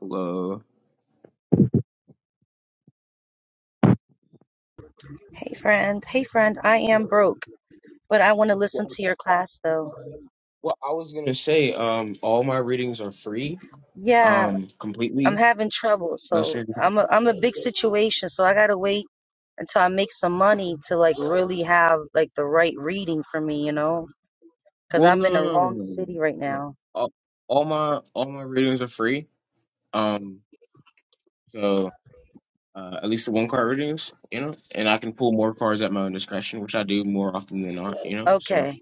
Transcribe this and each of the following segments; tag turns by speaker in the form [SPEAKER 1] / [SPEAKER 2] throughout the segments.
[SPEAKER 1] Hello.
[SPEAKER 2] Hey friend, hey friend, I am broke, but I want to listen
[SPEAKER 1] Well,
[SPEAKER 2] to your class though.
[SPEAKER 1] well, I was gonna say, um, all my readings are free,
[SPEAKER 2] Yeah,
[SPEAKER 1] um,
[SPEAKER 2] I'm
[SPEAKER 1] completely.
[SPEAKER 2] having trouble,
[SPEAKER 1] No
[SPEAKER 2] so
[SPEAKER 1] strings.
[SPEAKER 2] I'm a I'm a big situation, so I gotta wait until I make some money to like really have like the right reading for me, you know? Because
[SPEAKER 1] Well,
[SPEAKER 2] I'm
[SPEAKER 1] no,
[SPEAKER 2] in the
[SPEAKER 1] no, no, no,
[SPEAKER 2] wrong
[SPEAKER 1] no, no.
[SPEAKER 2] city right
[SPEAKER 1] no. no.
[SPEAKER 2] now.
[SPEAKER 1] All, all my all my readings are free. Um, so uh, at least the one card readings, you know, and I can pull more cards at my own discretion, which I do more often than not, you know. So
[SPEAKER 2] Okay.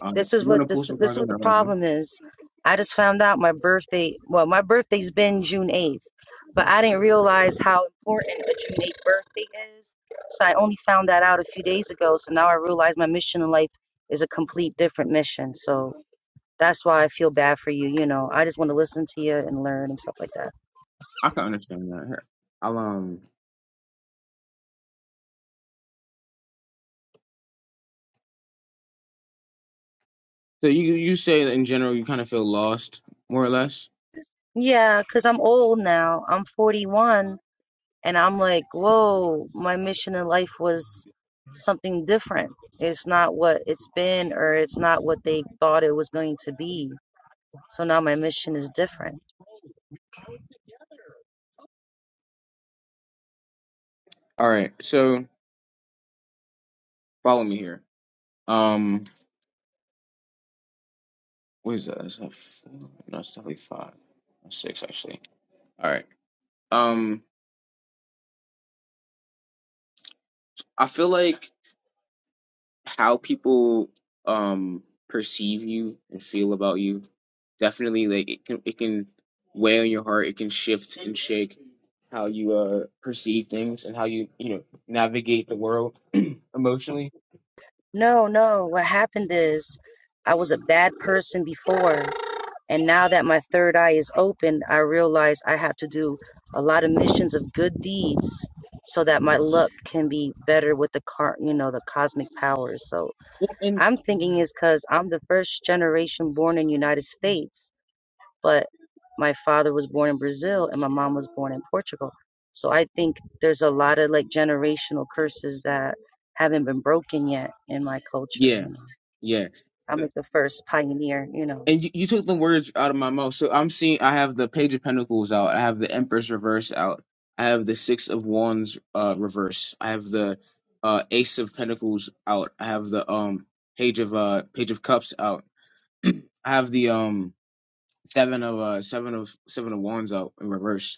[SPEAKER 1] um,
[SPEAKER 2] This is
[SPEAKER 1] I'm
[SPEAKER 2] what
[SPEAKER 1] gonna pull
[SPEAKER 2] this
[SPEAKER 1] some
[SPEAKER 2] this is
[SPEAKER 1] cards on
[SPEAKER 2] what the
[SPEAKER 1] that right now.
[SPEAKER 2] problem is. I just found out my birthday. Well, my birthday's been June eighth, but I didn't realize how important a June eighth birthday is. So I only found that out a few days ago. So now I realize my mission in life is a complete different mission. So that's why I feel bad for you. You know, I just want to listen to you and learn and stuff like that.
[SPEAKER 1] I can understand that. Here, I'll um. So you you say that in general you kind of feel lost, more or less.
[SPEAKER 2] Yeah, cause I'm old now. I'm 41, And I'm like, whoa, my mission in life was something different. It's not what it's been, or it's not what they thought it was going to be. So now my mission is different.
[SPEAKER 1] All right, so follow me here. Um. What is that? That's not four. No, it's definitely five. That's six actually. All right. Um, I feel like how people um perceive you and feel about you definitely like it can it can weigh on your heart. It can shift and shake how you uh perceive things and how you you know navigate the world emotionally.
[SPEAKER 2] No, no, what happened is I was a bad person before. And now that my third eye is open, I realize I have to do a lot of missions of good deeds so that my luck can be better with the car, you know, the cosmic powers. So
[SPEAKER 1] Yeah, And
[SPEAKER 2] I'm thinking is because I'm the first generation born in United States, but my father was born in Brazil and my mom was born in Portugal. So I think there's a lot of like generational curses that haven't been broken yet in my culture.
[SPEAKER 1] yeah,
[SPEAKER 2] You know,
[SPEAKER 1] yeah.
[SPEAKER 2] I'm like the first pioneer. You know,
[SPEAKER 1] And you, you took the words out of my mouth. So I'm seeing I have the Page of Pentacles out. I have the Empress reverse out. I have the Six of Wands uh reverse. I have the uh Ace of Pentacles out. I have the um Page of uh Page of Cups out. I have the um Seven of uh Seven of Seven of Wands out in reverse.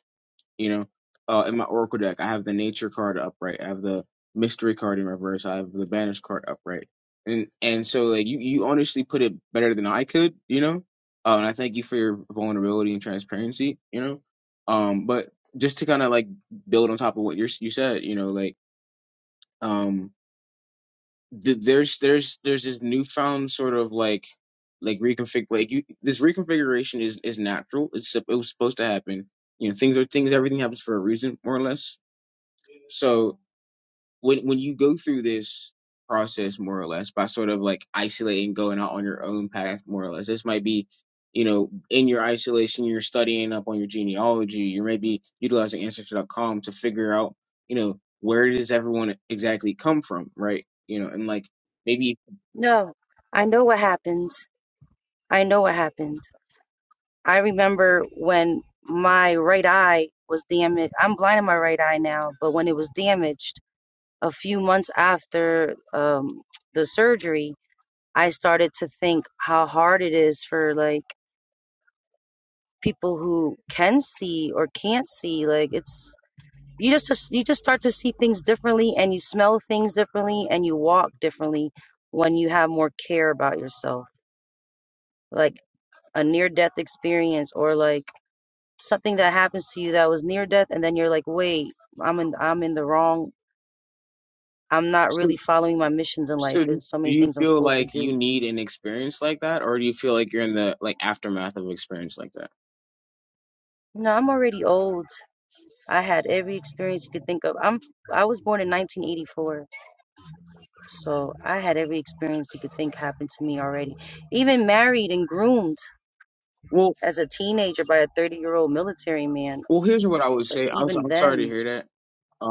[SPEAKER 1] You know, uh, in my Oracle deck, I have the Nature card upright. I have the Mystery card in reverse. I have the Banish card upright. And and so like you you honestly put it better than I could. You know, uh, and I thank you for your vulnerability and transparency. You know, um, but just to kind of like build on top of what you you said, you know, like um, th- there's there's there's this newfound sort of like like reconfig like you this reconfiguration is is natural. It's sup- it was supposed to happen you know things are things everything happens for a reason more or less so when when you go through this process more or less by sort of like isolating, going out on your own path more or less, this might be, you know, in your isolation, you're studying up on your genealogy, you're maybe utilizing ancestry.com to figure out, you know, where does everyone exactly come from, right? You know, and like maybe
[SPEAKER 2] no, I know what happened. I know what happened. I remember when my right eye was damaged. I'm blind in my right eye now, but when it was damaged, a few months after um, the surgery, I started to think how hard it is for like people who can see or can't see. Like it's you just you just start to see things differently, and you smell things differently, and you walk differently when you have more care about yourself. Like a near death experience, or like something that happens to you that was near death, and then you're like, wait, I'm in I'm in the wrong. I'm not really
[SPEAKER 1] so
[SPEAKER 2] following my missions in life.
[SPEAKER 1] so do
[SPEAKER 2] There's so many
[SPEAKER 1] you
[SPEAKER 2] things I'm
[SPEAKER 1] feel
[SPEAKER 2] supposed to
[SPEAKER 1] like
[SPEAKER 2] do
[SPEAKER 1] you need an experience like that or do you feel like you're in the like aftermath of an experience like that?
[SPEAKER 2] No, I'm already old. I had every experience you could think of. I'm I was born in 1984, so I had every experience you could think happened to me already. Even married and groomed
[SPEAKER 1] Well
[SPEAKER 2] as a teenager by a 30-year-old military man.
[SPEAKER 1] well here's what I would
[SPEAKER 2] Like
[SPEAKER 1] say. I was
[SPEAKER 2] even
[SPEAKER 1] I'm sorry to
[SPEAKER 2] then,
[SPEAKER 1] hear that.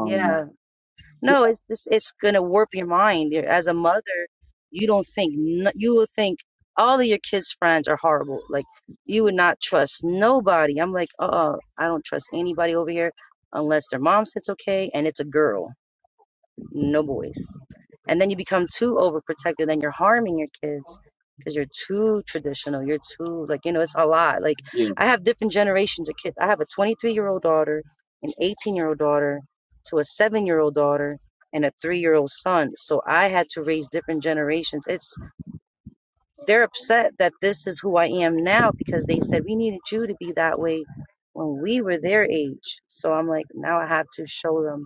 [SPEAKER 2] yeah. No, it's this. It's gonna warp your mind. You- As a mother, you don't think n- you will think all of your kids' friends are horrible. Like you would not trust nobody. I'm like, uh, uh I don't trust anybody over here unless their mom says it's okay and it's a girl no voice. And then you become too overprotective and you're harming your kids because you're too traditional. You're too, like, you know, it's a lot. Like,
[SPEAKER 1] Yeah.
[SPEAKER 2] I have different generations of kids. I have a 23 year old daughter, an 18 year old daughter, to a seven year old daughter, and a three year old son. So I had to raise different generations. It's they're upset that this is who I am now because they said we needed you to be that way when we were their age. So I'm like, now I have to show them,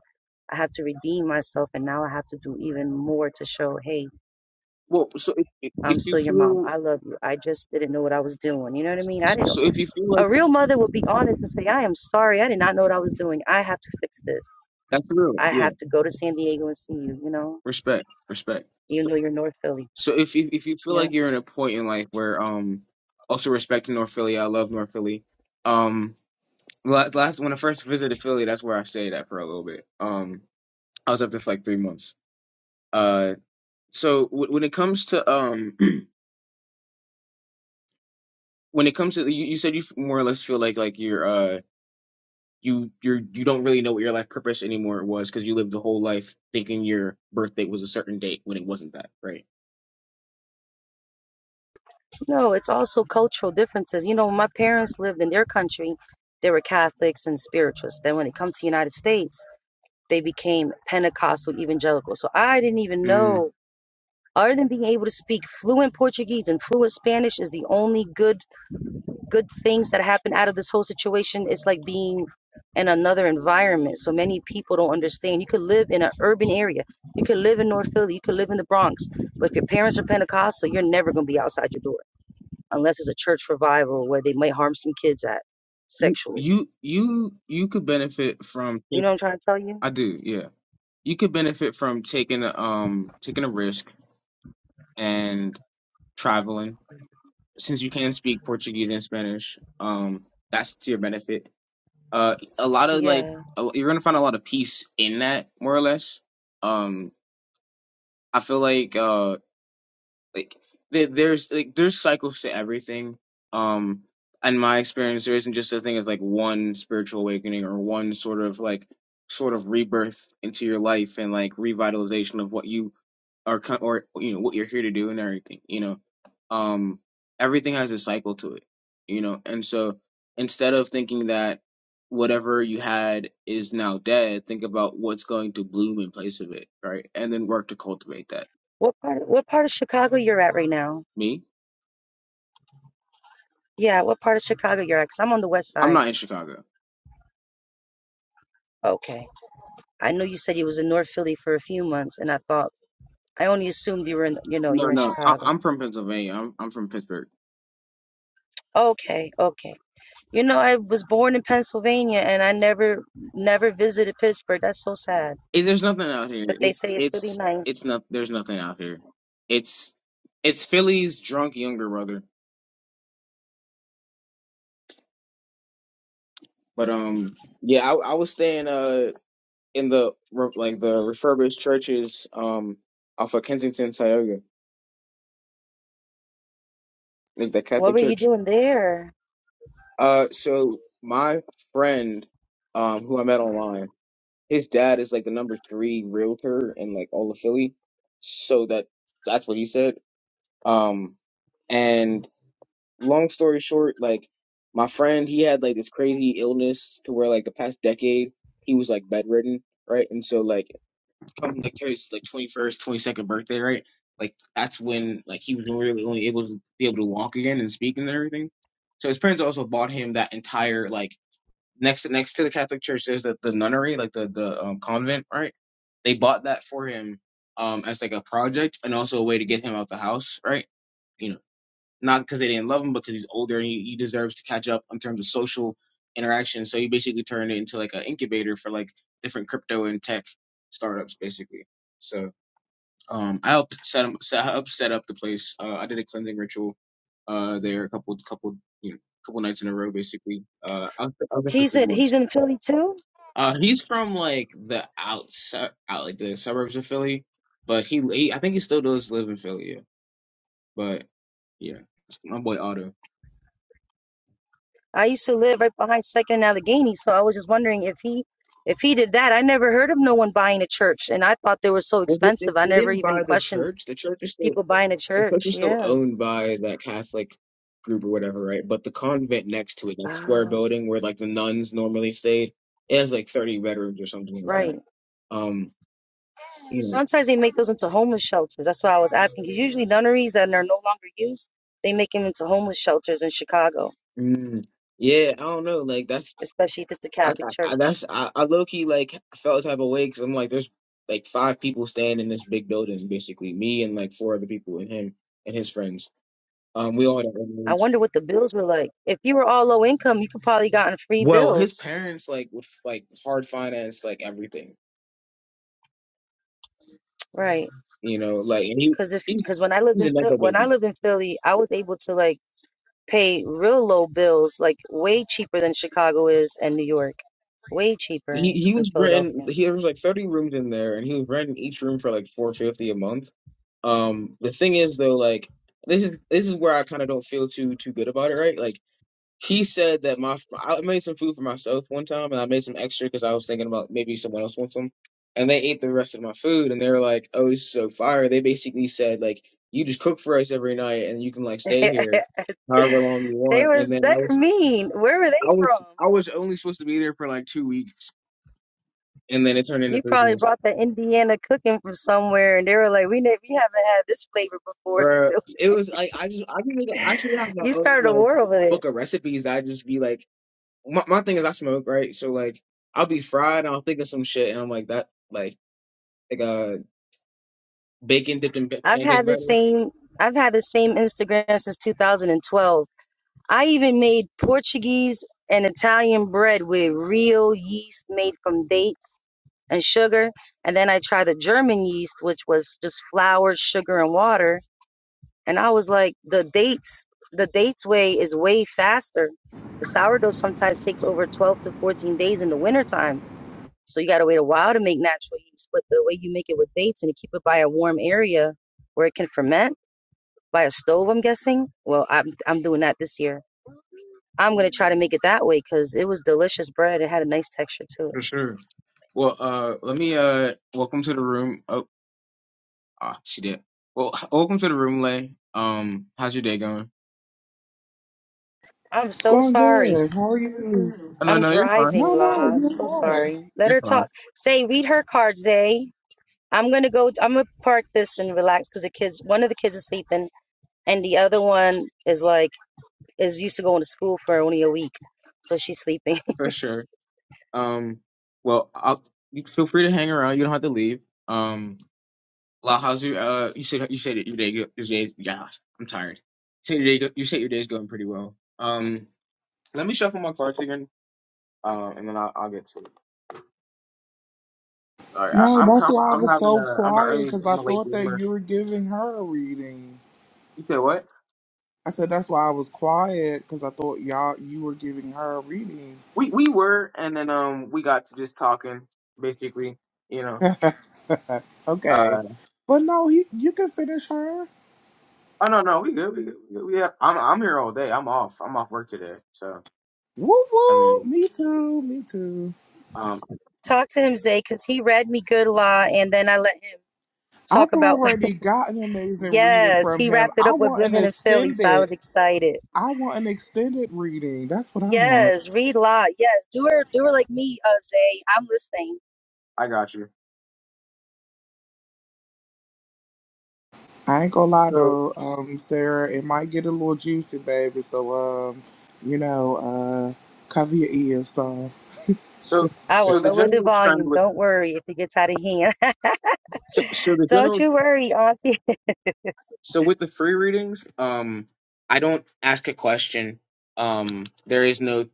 [SPEAKER 2] I have to redeem myself, and now I have to do even more to show, hey,
[SPEAKER 1] Well, so if if
[SPEAKER 2] I'm
[SPEAKER 1] if you
[SPEAKER 2] still your mom.
[SPEAKER 1] feel
[SPEAKER 2] I love you. I just didn't know what I was doing. You know what I mean? I didn't. know.
[SPEAKER 1] so if you feel
[SPEAKER 2] A
[SPEAKER 1] like
[SPEAKER 2] real mother would be honest and say, I am sorry. I did not know what I was doing. I have to fix this.
[SPEAKER 1] that's real,
[SPEAKER 2] I
[SPEAKER 1] yeah.
[SPEAKER 2] have to go to San Diego and see you. You know,
[SPEAKER 1] Respect, respect.
[SPEAKER 2] even though you're North Philly.
[SPEAKER 1] So if you if you feel
[SPEAKER 2] yeah.
[SPEAKER 1] like you're in a point in life where um also respect to North Philly, I love North Philly. Um, la- last when I first visited Philly, that's where I stayed at for a little bit. Um, I was up there for like three months. Uh, so w- when it comes to um when it comes to you, you said you f- more or less feel like like you're uh, you you're you don't really know what your life purpose anymore was because you lived the whole life thinking your birthday was a certain date when it wasn't that, right?
[SPEAKER 2] No, it's also cultural differences. You know, my parents lived in their country, they were Catholics and spiritualists. Then when it comes to United States, they became Pentecostal evangelical. So I didn't even
[SPEAKER 1] Mm.
[SPEAKER 2] know other than being able to speak fluent Portuguese and fluent Spanish is the only good good things that happen out of this whole situation. It's like being in another environment. So many people don't understand. You could live in an urban area. You could live in North Philly. You could live in the Bronx. But if your parents are Pentecostal, you're never gonna be outside your door unless it's a church revival where they might harm some kids at
[SPEAKER 1] You
[SPEAKER 2] sexually.
[SPEAKER 1] you you you could benefit from
[SPEAKER 2] You
[SPEAKER 1] take-
[SPEAKER 2] know what I'm trying to tell you?
[SPEAKER 1] I do, yeah. You could benefit from taking a um taking a risk and traveling since you can speak Portuguese and Spanish. Um, that's to your benefit. Uh, a lot of like
[SPEAKER 2] Yeah.
[SPEAKER 1] a- you're gonna find a lot of peace in that, more or less. Um, I feel like uh like there, there's like there's cycles to everything um in my experience there isn't just a thing of like one spiritual awakening or one sort of like sort of rebirth into your life and like revitalization of what you are co- or you know what you're here to do and everything you know um everything has a cycle to it you know and so instead of thinking that whatever you had is now dead think about what's going to bloom in place of it right and then work to cultivate that
[SPEAKER 2] What part? What part of Chicago you're at right now?
[SPEAKER 1] me
[SPEAKER 2] Yeah. What part of Chicago you're at? i I'm on the west
[SPEAKER 1] i'm
[SPEAKER 2] side.
[SPEAKER 1] not in chicago
[SPEAKER 2] Okay. I know you said you was in North Philly for a few months, and I thought I only assumed you were in, you know, you
[SPEAKER 1] No,
[SPEAKER 2] were in
[SPEAKER 1] no, I,
[SPEAKER 2] Chicago.
[SPEAKER 1] I'm from Pennsylvania. I'm I'm from Pittsburgh.
[SPEAKER 2] Okay. Okay. You know, I was born in Pennsylvania, and I never, never visited Pittsburgh. That's so sad.
[SPEAKER 1] Eh, there's nothing out here.
[SPEAKER 2] But they
[SPEAKER 1] It's
[SPEAKER 2] say it's really
[SPEAKER 1] it's it's
[SPEAKER 2] nice.
[SPEAKER 1] not. There's nothing out here. It's it's Philly's drunk younger brother. But um, yeah, I I was staying uh in the re- like the refurbished churches um off of Kensington, Tioga, like the
[SPEAKER 2] What
[SPEAKER 1] Catholic
[SPEAKER 2] were you
[SPEAKER 1] church.
[SPEAKER 2] doing there?
[SPEAKER 1] Uh, so my friend, um, who I met online, his dad is like the number three realtor in like all of Philly. So that that's what he said Um, and long story short, like my friend, he had like this crazy illness to where like the past decade he was like bedridden, right? And so like come like to his like twenty first, twenty second birthday, right? Like that's when like he was really only able to be able to walk again and speak and everything. So his parents also bought him that entire like next to next to the Catholic church there's the, the nunnery, like the the um, convent, right? They bought that for him um as like a project and also a way to get him out the house, right? not because they didn't love him, but because he's older and he, he deserves to catch up in terms of social interaction. So he basically turned it into like an incubator for like different crypto and tech startups, basically. So um, I helped set him, set, I helped set up the place. Uh, I did a cleansing ritual uh, there a couple couple you know couple nights in a row, basically. Uh, I was, I was there for
[SPEAKER 2] He's
[SPEAKER 1] three
[SPEAKER 2] in, he's
[SPEAKER 1] months.
[SPEAKER 2] in Philly too.
[SPEAKER 1] Uh, he's from like the outside, out like the suburbs of Philly, but he, he I think he still does live in Philly, yeah. but yeah, my boy Otto.
[SPEAKER 2] I used to live right behind Second and Allegheny, so I was just wondering if he if he did that. I never heard of no one buying a church, and I thought they were so
[SPEAKER 1] Well, They, they,
[SPEAKER 2] expensive. I
[SPEAKER 1] they
[SPEAKER 2] never
[SPEAKER 1] didn't
[SPEAKER 2] even
[SPEAKER 1] buy the
[SPEAKER 2] questioned
[SPEAKER 1] church. The church is still
[SPEAKER 2] people buying a
[SPEAKER 1] the church
[SPEAKER 2] church.
[SPEAKER 1] is still
[SPEAKER 2] Yeah.
[SPEAKER 1] owned by that Catholic group or whatever, right? But the convent next to it, that square
[SPEAKER 2] Ah,
[SPEAKER 1] building where like the nuns normally stayed, it has like thirty bedrooms or something like that.
[SPEAKER 2] right.
[SPEAKER 1] Um, you know,
[SPEAKER 2] Sometimes they make those into homeless shelters. That's why I was asking. 'cause usually nunneries that are no longer used, they make them into homeless shelters in Chicago,
[SPEAKER 1] mm, yeah, I don't know. Like that's
[SPEAKER 2] especially if it's the
[SPEAKER 1] I,
[SPEAKER 2] Catholic
[SPEAKER 1] I I-
[SPEAKER 2] Church.
[SPEAKER 1] that's I, I low key like felt type of way because 'cause I'm like there's like five people staying in this big building basically, me and like four other people and him and his friends. Um, we all had our own
[SPEAKER 2] I
[SPEAKER 1] rooms.
[SPEAKER 2] wonder what the bills were like. If you were all low income, you could probably gotten free
[SPEAKER 1] Well, his
[SPEAKER 2] bills.
[SPEAKER 1] parents like would like hard finance like everything,
[SPEAKER 2] Right.
[SPEAKER 1] you know, like and he
[SPEAKER 2] Cause if
[SPEAKER 1] he's
[SPEAKER 2] because when I lived
[SPEAKER 1] he's
[SPEAKER 2] in
[SPEAKER 1] a
[SPEAKER 2] Phil-
[SPEAKER 1] nepo
[SPEAKER 2] when I
[SPEAKER 1] baby.
[SPEAKER 2] lived in Philly, I was able to like pay real low bills, like way cheaper than Chicago is and New York, way cheaper
[SPEAKER 1] He he
[SPEAKER 2] in
[SPEAKER 1] was renting
[SPEAKER 2] Philadelphia.
[SPEAKER 1] he there was like 30 rooms in there and he was renting each room for like 450 a month. Um the thing is though like this is this is where I kind of don't feel too too good about it, right? Like He said that my I made some food for myself one time, and I made some extra because I was thinking about maybe someone else wants some. And they ate the rest of my food, and they were like, "Oh, this is so fire!" They basically said like, "You just cook for us every night, and you can like
[SPEAKER 2] they
[SPEAKER 1] stay here however long you want."
[SPEAKER 2] was
[SPEAKER 1] And then
[SPEAKER 2] they're
[SPEAKER 1] I was
[SPEAKER 2] mean. Where were they
[SPEAKER 1] I
[SPEAKER 2] from?
[SPEAKER 1] was I was only supposed to be there for like two weeks, and then it turned into
[SPEAKER 2] You
[SPEAKER 1] three
[SPEAKER 2] probably
[SPEAKER 1] months.
[SPEAKER 2] brought the Indiana cooking from somewhere, and they were like, "We ne- we haven't had this flavor before."
[SPEAKER 1] Bruh, it was like I just I can make I should have my
[SPEAKER 2] you
[SPEAKER 1] own
[SPEAKER 2] started a
[SPEAKER 1] like
[SPEAKER 2] war over there.
[SPEAKER 1] book of recipes that I just be like. my, my thing is I smoke, right? So like I'll be fried and I'll think of some shit and I'm like that like like uh bacon dipped in ba-
[SPEAKER 2] I've had
[SPEAKER 1] pancake
[SPEAKER 2] the
[SPEAKER 1] batter.
[SPEAKER 2] same I've had the same Instagram since 2012 I even made Portuguese and Italian bread with real yeast made from dates and sugar. And then I tried the German yeast, which was just flour, sugar, and water. And I was like, the dates, the dates way is way faster. The sourdough sometimes takes over 12 to 14 days in the wintertime. So you got to wait a while to make natural yeast. But the way you make it with dates and you keep it by a warm area where it can ferment by a stove, I'm guessing. Well, I'm, I'm doing that this year I'm gonna try to make it that way because it was delicious bread. It had a nice texture to it.
[SPEAKER 1] For sure. Well, uh let me uh welcome to the room. Oh ah she did. Well welcome to the room, Lay. Um how's your day going?
[SPEAKER 2] I'm so
[SPEAKER 3] Going
[SPEAKER 2] sorry.
[SPEAKER 3] good. How are you?
[SPEAKER 1] Oh, no
[SPEAKER 2] I'm
[SPEAKER 1] no you're fine.
[SPEAKER 2] driving,
[SPEAKER 3] No, no,
[SPEAKER 2] La.
[SPEAKER 3] you-
[SPEAKER 2] So sorry. Let
[SPEAKER 1] You're
[SPEAKER 2] her
[SPEAKER 1] fine.
[SPEAKER 2] talk. Say, read her card, Zay. I'm gonna go. I'm gonna park this and relax because the kids. One of the kids is sleeping, and the other one is like is used to going to school for only a week, so she's sleeping.
[SPEAKER 1] For sure. Um well I'll you feel free to hang around, you don't have to leave. Um La how's your uh you said you said that your day go- your day yeah, I'm tired. You said your day go- you said your day's going pretty well. Um Let me shuffle my cards again, uh, and then I'll, I'll get to it. Sorry, I,
[SPEAKER 3] no.
[SPEAKER 1] I'm
[SPEAKER 3] That's
[SPEAKER 1] com-
[SPEAKER 3] why I
[SPEAKER 1] I'm
[SPEAKER 3] was
[SPEAKER 1] having
[SPEAKER 3] so
[SPEAKER 1] a I'm an
[SPEAKER 3] quiet
[SPEAKER 1] early
[SPEAKER 3] because I
[SPEAKER 1] I'm a late
[SPEAKER 3] thought that
[SPEAKER 1] bloomer.
[SPEAKER 3] you were giving her a reading.
[SPEAKER 1] You said what?
[SPEAKER 3] I said that's why I was quiet because I thought y'all you were giving her a reading.
[SPEAKER 1] We we were, and then um we got to just talking, basically. You know.
[SPEAKER 3] okay,
[SPEAKER 1] Uh
[SPEAKER 3] but no, he, you can finish her.
[SPEAKER 1] oh no no we good we good we, good. we have, I'm I'm here all day. I'm off I'm off work today. So
[SPEAKER 3] Woo
[SPEAKER 1] I mean
[SPEAKER 3] woo. Me too. Me too.
[SPEAKER 1] um
[SPEAKER 2] talk to him, Zay, because he read me good, La, and then I let him talk
[SPEAKER 3] I've
[SPEAKER 2] about.
[SPEAKER 3] already got an amazing reading
[SPEAKER 2] yes,
[SPEAKER 3] from
[SPEAKER 2] he
[SPEAKER 3] him.
[SPEAKER 2] wrapped it
[SPEAKER 3] I
[SPEAKER 2] up with
[SPEAKER 3] want an
[SPEAKER 2] living in Philly, so I
[SPEAKER 3] extended.
[SPEAKER 2] was excited.
[SPEAKER 3] I want an extended reading. That's what I want.
[SPEAKER 2] Yes, read lot. Yes, do her, do her like me, uh, Zay. I'm listening.
[SPEAKER 1] I got you.
[SPEAKER 3] I ain't gonna lie
[SPEAKER 1] So
[SPEAKER 3] though, um, Sarah, it might get a little juicy, baby. So, um, you know, uh, cover your ears. So,
[SPEAKER 1] so
[SPEAKER 2] I
[SPEAKER 1] so
[SPEAKER 2] will
[SPEAKER 1] the
[SPEAKER 2] lower the
[SPEAKER 1] general trend
[SPEAKER 2] volume.
[SPEAKER 1] with
[SPEAKER 2] Don't worry if it gets out of hand.
[SPEAKER 1] so, so the
[SPEAKER 2] Don't
[SPEAKER 1] general
[SPEAKER 2] you worry, Auntie.
[SPEAKER 1] so with the free readings um I don't ask a question um there is no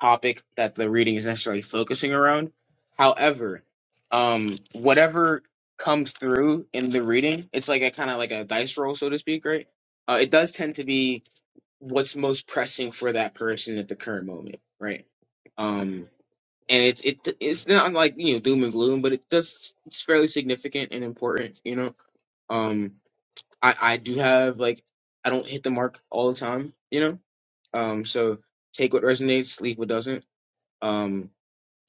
[SPEAKER 1] topic that the reading is necessarily focusing around. However, um, whatever comes through in the reading, it's like a kind of like a dice roll, so to speak, right? Uh, it does tend to be what's most pressing for that person at the current moment, right? Um, and it's it it's not like you know doom and gloom, but it does it's fairly significant and important, you know. Um, I I do have like I don't hit the mark all the time, you know. Um, so take what resonates, leave what doesn't. Um,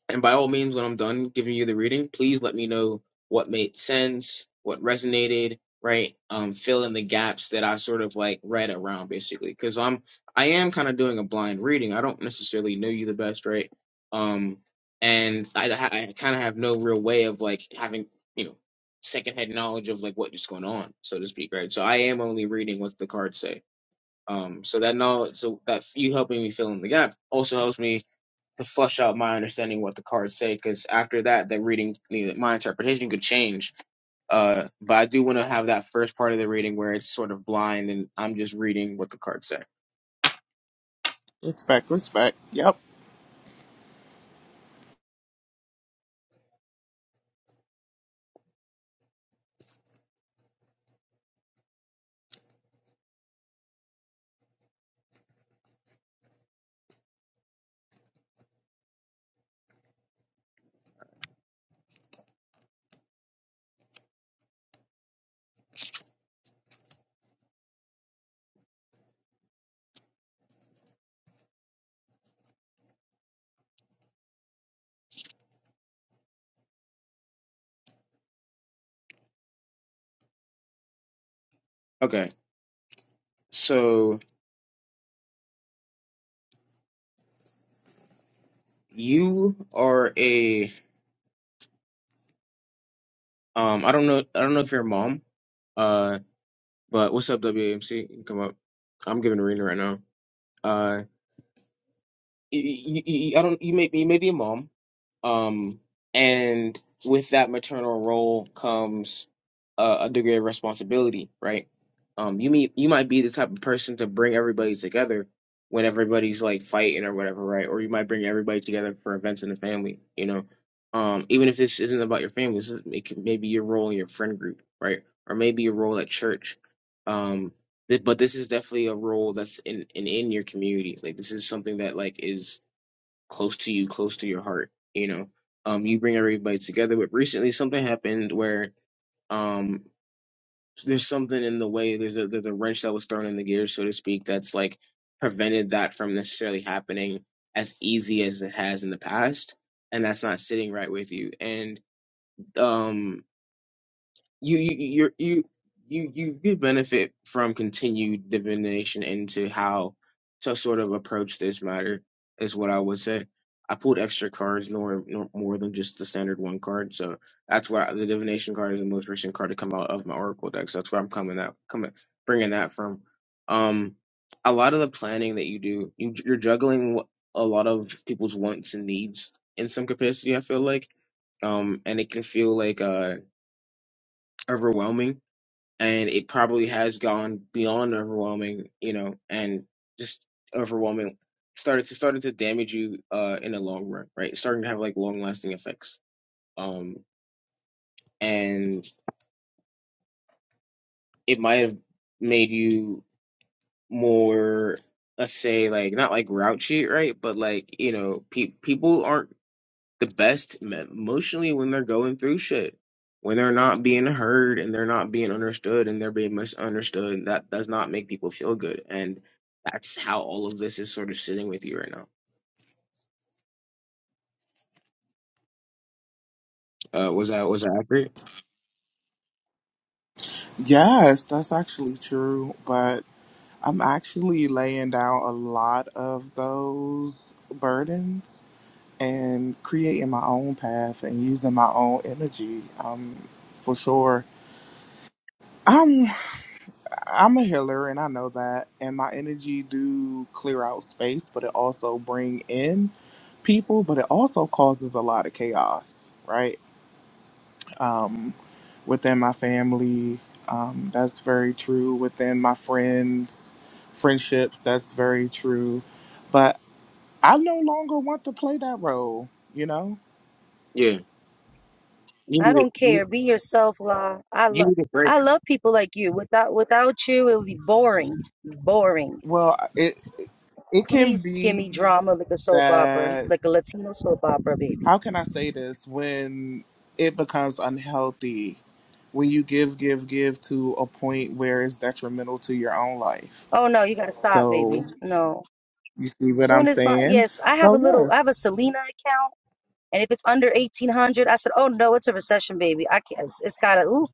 [SPEAKER 1] and by all means, when I'm done giving you the reading, please let me know what made sense, what resonated, right? Um, fill in the gaps that I sort of like read around basically. Cause I'm, I am kind of doing a blind reading. I don't necessarily know you the best, right? Um, and I, I kind of have no real way of like having, you know, secondhand knowledge of like what is going on, so to speak, right? So I am only reading what the cards say. Um, so that knowledge, so that you helping me fill in the gap also helps me to flush out my understanding what the cards say because after that the reading the- my interpretation could change uh but i do want to have that first part of the reading where it's sort of blind and i'm just reading what the cards say
[SPEAKER 3] respect, respect. Yep.
[SPEAKER 1] okay so you are a um i don't know i don't know if you're a mom uh but what's up wamc You can come up i'm giving a reading right now uh y- y- y- y- I don't. You may you may be a mom, Um, and with that maternal role comes a, a degree of responsibility, right? Um, you mean you might be the type of person to bring everybody together when everybody's like fighting or whatever, right? Or you might bring everybody together for events in the family, you know. Um, even if this isn't about your family, this is, it could, maybe your role in your friend group, right? Or maybe your role at church. Um, th- but this is definitely a role that's in, in in your community. Like this is something that like is close to you, close to your heart. You know, um, you bring everybody together. But recently, something happened where um, there's something in the way. There's a there's a wrench that was thrown in the gear, so to speak, that's like prevented that from necessarily happening as easy as it has in the past. And that's not sitting right with you. And um, you you you're- you you you could benefit from continued divination into how to sort of approach this matter is what I would say. I pulled extra cards, nor, nor more than just the standard one card, so that's why the divination card is the most recent card to come out of my oracle deck. So that's where I'm coming that coming bringing that from. Um, a lot of the planning that you do, you, you're juggling a lot of people's wants and needs in some capacity. I feel like, um, and it can feel like uh overwhelming and it probably has gone beyond overwhelming, you know, and just overwhelming started to started to damage you uh in the long run, right? It's starting to have like long lasting effects. Um and it might have made you more let's say like not like grouchy, right? But like, you know, pe- people aren't the best emotionally when they're going through shit. When they're not being heard and they're not being understood and they're being misunderstood, that does not make people feel good. And that's how all of this is sort of sitting with you right now. Uh, was that was that accurate?
[SPEAKER 3] Yes, that's actually true. But I'm actually laying down a lot of those burdens and creating my own path and using my own energy. Um, for sure. Um. I'm a healer and I know that and my energy do clear out space but it also bring in people but it also causes a lot of chaos right um within my family um that's very true within my friends friendships that's very true but I no longer want to play that role you know
[SPEAKER 1] Yeah. You
[SPEAKER 2] I
[SPEAKER 1] need a
[SPEAKER 2] don't
[SPEAKER 1] you,
[SPEAKER 2] care. Be yourself, La. I
[SPEAKER 1] you
[SPEAKER 2] love,
[SPEAKER 1] need a break.
[SPEAKER 2] I love people like you. Without, without you, it would be boring, boring.
[SPEAKER 3] well it it can
[SPEAKER 2] Please give me
[SPEAKER 3] be
[SPEAKER 2] drama like a soap opera,
[SPEAKER 3] that
[SPEAKER 2] like a Latino soap opera, baby.
[SPEAKER 3] how can I say this when it becomes unhealthy when you give, give, give to a point where it's detrimental to your own life?
[SPEAKER 2] Oh no, you gotta stop,
[SPEAKER 3] So
[SPEAKER 2] baby. No.
[SPEAKER 3] you see what I'm
[SPEAKER 2] Soon as my
[SPEAKER 3] saying?
[SPEAKER 2] yes, I have
[SPEAKER 3] So
[SPEAKER 2] a little,
[SPEAKER 3] yes,
[SPEAKER 2] I have a Selena account. And if it's under 1800, I said, oh no, it's a recession, baby. I can't, it's, it's gotta, ooh.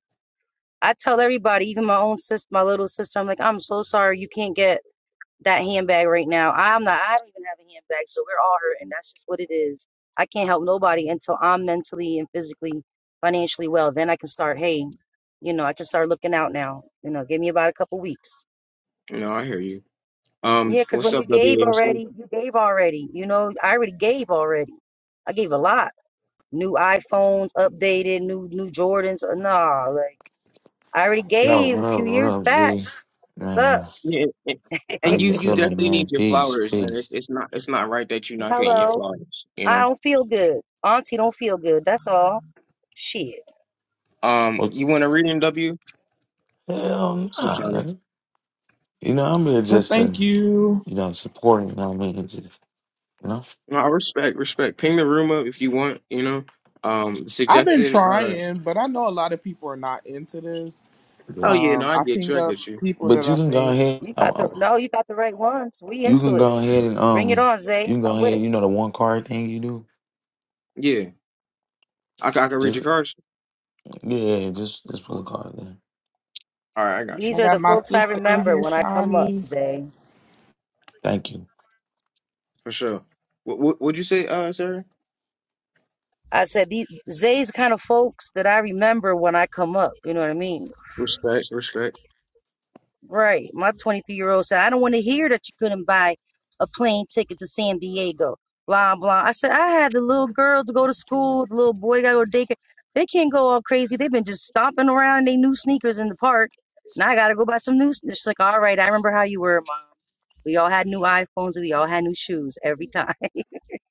[SPEAKER 2] I tell everybody, even my own sister, my little sister, I'm like, I'm so sorry you can't get that handbag right now. I'm not, I don't even have a handbag. So we're all hurting. That's just what it is. I can't help nobody until I'm mentally and physically, financially well. Then I can start, hey, you know, I can start looking out now. You know, give me about a couple weeks.
[SPEAKER 1] No, I hear you.
[SPEAKER 2] Yeah,
[SPEAKER 1] Um,
[SPEAKER 2] because
[SPEAKER 1] what's
[SPEAKER 2] when you
[SPEAKER 1] up,
[SPEAKER 2] gave
[SPEAKER 1] WAMC?
[SPEAKER 2] already, you gave already. You know, I already gave already. I gave a lot. new iPhones updated, new new Jordans. Uh, Nah, like I already
[SPEAKER 4] Yo,
[SPEAKER 2] gave
[SPEAKER 4] what
[SPEAKER 2] a
[SPEAKER 4] up?
[SPEAKER 2] few
[SPEAKER 4] What
[SPEAKER 2] years
[SPEAKER 4] up,
[SPEAKER 2] back.
[SPEAKER 4] Z?
[SPEAKER 2] What's up?
[SPEAKER 4] Man,
[SPEAKER 1] Yeah, and,
[SPEAKER 4] how
[SPEAKER 1] and
[SPEAKER 4] you
[SPEAKER 1] you you
[SPEAKER 4] feeling,
[SPEAKER 1] definitely
[SPEAKER 4] man?
[SPEAKER 1] need your
[SPEAKER 4] Peace,
[SPEAKER 1] flowers, and it's
[SPEAKER 4] peace.
[SPEAKER 1] it's not it's not right that you're not getting your
[SPEAKER 2] Hello.
[SPEAKER 1] flowers. You
[SPEAKER 2] I
[SPEAKER 1] know.
[SPEAKER 2] don't feel good. Auntie don't feel good. That's all. Shit.
[SPEAKER 1] Um,
[SPEAKER 4] What?
[SPEAKER 1] you want to read in W?
[SPEAKER 4] Hell
[SPEAKER 1] What's up,
[SPEAKER 4] nah,
[SPEAKER 1] Shawnee?
[SPEAKER 4] nigga. You know I'm here
[SPEAKER 3] but
[SPEAKER 4] just
[SPEAKER 3] thank
[SPEAKER 4] to,
[SPEAKER 3] you.
[SPEAKER 4] you know, supporting. You know what I mean? Just, you know.
[SPEAKER 1] No, I respect, respect. Ping the room up if you want, you know. Um,
[SPEAKER 3] I've been
[SPEAKER 1] suggested, uh,
[SPEAKER 3] trying, but I know a lot of people are not into this.
[SPEAKER 1] oh
[SPEAKER 4] Yeah.
[SPEAKER 1] yeah, no,
[SPEAKER 3] Um,
[SPEAKER 1] I
[SPEAKER 3] I
[SPEAKER 1] get
[SPEAKER 3] ping
[SPEAKER 1] you, I
[SPEAKER 3] up
[SPEAKER 1] get you.
[SPEAKER 3] people that
[SPEAKER 4] But
[SPEAKER 3] I
[SPEAKER 4] you can go
[SPEAKER 3] think.
[SPEAKER 4] ahead.
[SPEAKER 2] You
[SPEAKER 4] I,
[SPEAKER 2] got
[SPEAKER 4] I,
[SPEAKER 2] the no, you got the right ones. We
[SPEAKER 4] you
[SPEAKER 2] into
[SPEAKER 4] can
[SPEAKER 2] it.
[SPEAKER 4] go ahead and
[SPEAKER 2] Bring it
[SPEAKER 4] um,
[SPEAKER 2] on, Zay.
[SPEAKER 4] you can go
[SPEAKER 2] I'm with
[SPEAKER 4] ahead.
[SPEAKER 2] it.
[SPEAKER 4] You know the one card thing you do.
[SPEAKER 1] Yeah, I, ca- I can read your
[SPEAKER 4] Just
[SPEAKER 1] cards.
[SPEAKER 4] yeah, just just put a card there.
[SPEAKER 1] All right, I got you,
[SPEAKER 2] These
[SPEAKER 3] like,
[SPEAKER 2] are
[SPEAKER 3] I got
[SPEAKER 2] the
[SPEAKER 3] my
[SPEAKER 2] folks I
[SPEAKER 3] sister in
[SPEAKER 2] remember
[SPEAKER 3] here,
[SPEAKER 2] when I come up,
[SPEAKER 3] Shawnee.
[SPEAKER 2] Zay.
[SPEAKER 4] Thank you.
[SPEAKER 1] for sure. What, what, would you say, uh, Sarah?
[SPEAKER 2] I said these Zay's kind of folks that I remember when I come up. You know what I mean?
[SPEAKER 1] Respect, respect.
[SPEAKER 2] Right. My 23 year old said, I don't want to hear that you couldn't buy a plane ticket to San Diego. Blah, blah. I said, I had the little girl to go to school, the little boy got to go to daycare. They can't go all crazy. They've been just stomping around in they new sneakers in the park. Now I got to go buy some new sneakers. She's like, all right, I remember how you were, mom. We all had new iPhones and we all had new shoes every time.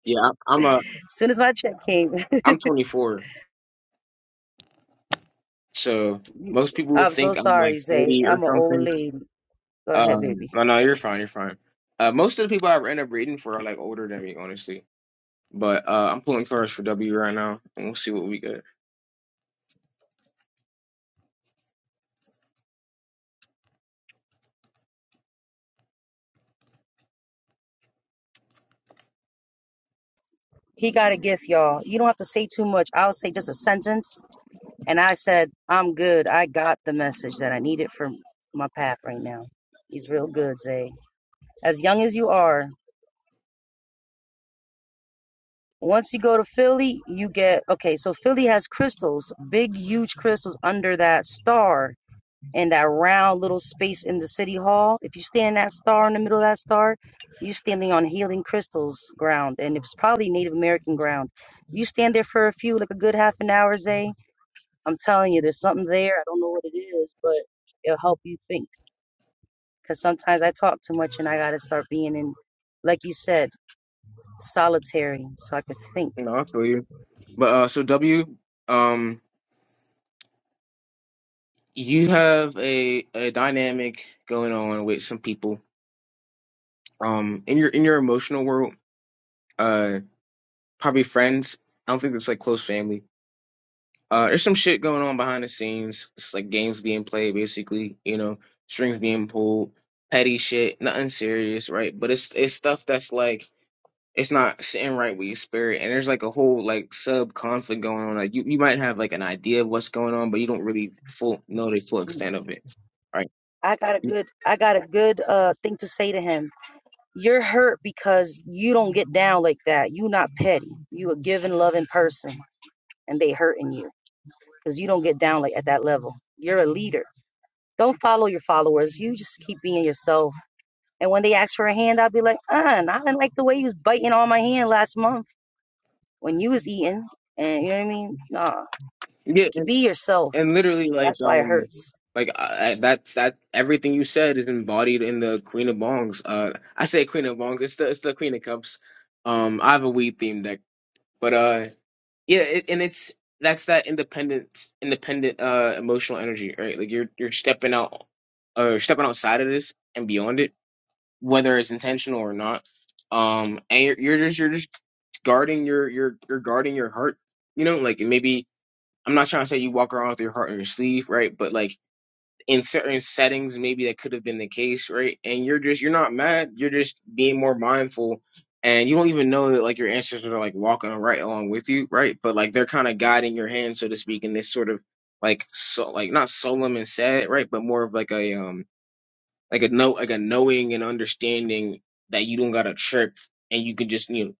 [SPEAKER 1] Yeah, I, I'm a,
[SPEAKER 2] As soon as my check came,
[SPEAKER 1] I'm 24, so most people will
[SPEAKER 2] I'm so
[SPEAKER 1] think I'm like
[SPEAKER 2] sorry, Zay.
[SPEAKER 1] 30 or
[SPEAKER 2] I'm an old
[SPEAKER 1] something.
[SPEAKER 2] lady. Go ahead,
[SPEAKER 1] Um,
[SPEAKER 2] baby.
[SPEAKER 1] no, no, you're fine, you're fine. Uh, most of the people I end up reading for are like older than me, honestly. But uh, I'm pulling cards for W right now, and we'll see what we get.
[SPEAKER 2] He got a gift, y'all. You don't have to say too much. I'll say just a sentence And I said, I'm good. I got the message that I needed for my path right now. He's real good, Zay. As young as you are, once you go to Philly, you get okay. So Philly has crystals, big, huge crystals under that star and that round little space in the city hall. If you stand in that star in the middle of that star, you're standing on healing crystals ground, and it's probably Native American ground. You stand there for a few, like a good half an hour, Zay. I'm telling you, there's something there. I don't know what it is, but it'll help you think because sometimes I talk too much and I got to start being in, like you said, solitary so I could think.
[SPEAKER 1] No, I feel you. But uh, so W, um, you have a a dynamic going on with some people. Um, in your in your emotional world, uh, probably friends. I don't think it's like close family. Uh, there's some shit going on behind the scenes. It's like games being played, basically. You know, strings being pulled, petty shit, nothing serious, right? But it's it's stuff that's like it's not sitting right with your spirit and there's like a whole like sub conflict going on like you, you might have like an idea of what's going on but you don't really full know the full
[SPEAKER 2] Mm.
[SPEAKER 1] extent of it right
[SPEAKER 2] I got a good, I got a good uh, thing to say to him. You're hurt because you don't get down like that. you not petty. You a giving, loving person, and they hurting you because you don't get down like at that level. You're a leader. Don't follow your followers. You just keep being yourself. And when they ask for a hand, I'll be like, uh, nah, I didn't like the way you was biting on my hand last month when you was eating. And you know what I mean? Nah,
[SPEAKER 1] yeah and,
[SPEAKER 2] be yourself
[SPEAKER 1] and literally like
[SPEAKER 2] That's why it
[SPEAKER 1] um
[SPEAKER 2] hurts.
[SPEAKER 1] like I, I- that's that everything you said is embodied in the queen of bongs uh i say queen of bongs it's the it's the queen of cups um i have a weed themed deck but uh yeah it, and it's that's that independent independent uh emotional energy right like you're you're stepping out or stepping outside of this and beyond it whether it's intentional or not. Um, and you're, you're just you're just guarding your your you're guarding your heart. You know, like maybe I'm not trying to say you walk around with your heart on your sleeve, right? But like in certain settings, maybe that could have been the case, right? And you're just you're not mad. You're just being more mindful, and you don't even know that like your ancestors are like walking right along with you, right? But like they're kind of guiding your hand, so to speak, in this sort of like so like not solemn and sad, right? But more of like a um like a know like a knowing and understanding that you don't gotta trip and you can just you know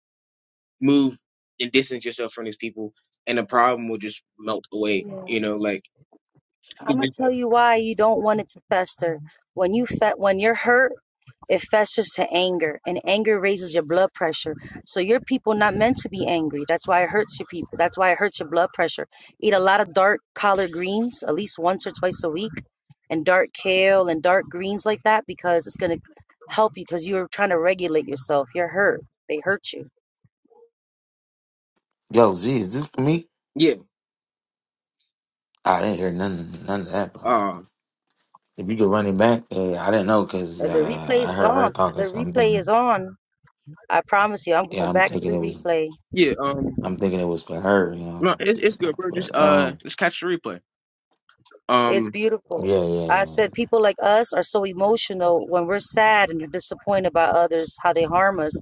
[SPEAKER 1] move and distance yourself from these people and the problem will just melt away
[SPEAKER 2] Yeah.
[SPEAKER 1] you know like you
[SPEAKER 2] I'm
[SPEAKER 1] can
[SPEAKER 2] gonna
[SPEAKER 1] just-
[SPEAKER 2] tell you why you don't want it to fester. When you fe- when you're hurt, it festers to anger, and anger raises your blood pressure. So your people not meant to be angry. That's why it hurts your people. That's why it hurts your blood pressure. Eat a lot of dark collard greens at least once or twice a week, and dark kale and dark greens like that because it's gonna help you because you're trying to regulate yourself. You're hurt. They hurt you.
[SPEAKER 4] Yo, Z, is this for me?
[SPEAKER 1] yeah
[SPEAKER 4] I didn't hear none none of that, bro.
[SPEAKER 1] um
[SPEAKER 4] If you could run it back, eh, I didn't know because
[SPEAKER 2] Uh, The
[SPEAKER 4] uh,
[SPEAKER 2] replays
[SPEAKER 4] I
[SPEAKER 2] is
[SPEAKER 4] heard her
[SPEAKER 2] on. The
[SPEAKER 4] talking, so I'm
[SPEAKER 2] replay
[SPEAKER 4] thinking.
[SPEAKER 2] is on. I promise you, I'm
[SPEAKER 4] yeah,
[SPEAKER 2] going
[SPEAKER 4] I'm
[SPEAKER 2] back to the
[SPEAKER 4] thinking it was.
[SPEAKER 2] replay.
[SPEAKER 1] yeah um
[SPEAKER 4] I'm thinking it was for her, you
[SPEAKER 1] no
[SPEAKER 4] know.
[SPEAKER 1] it's
[SPEAKER 4] you
[SPEAKER 1] it's
[SPEAKER 4] know,
[SPEAKER 1] good bro just
[SPEAKER 4] But
[SPEAKER 1] uh
[SPEAKER 4] um,
[SPEAKER 1] just catch the replay
[SPEAKER 2] It's
[SPEAKER 1] um
[SPEAKER 2] beautiful.
[SPEAKER 4] yeah, yeah,
[SPEAKER 2] I
[SPEAKER 4] yeah.
[SPEAKER 2] said people like us are so emotional when we're sad and are disappointed by others, how they harm us.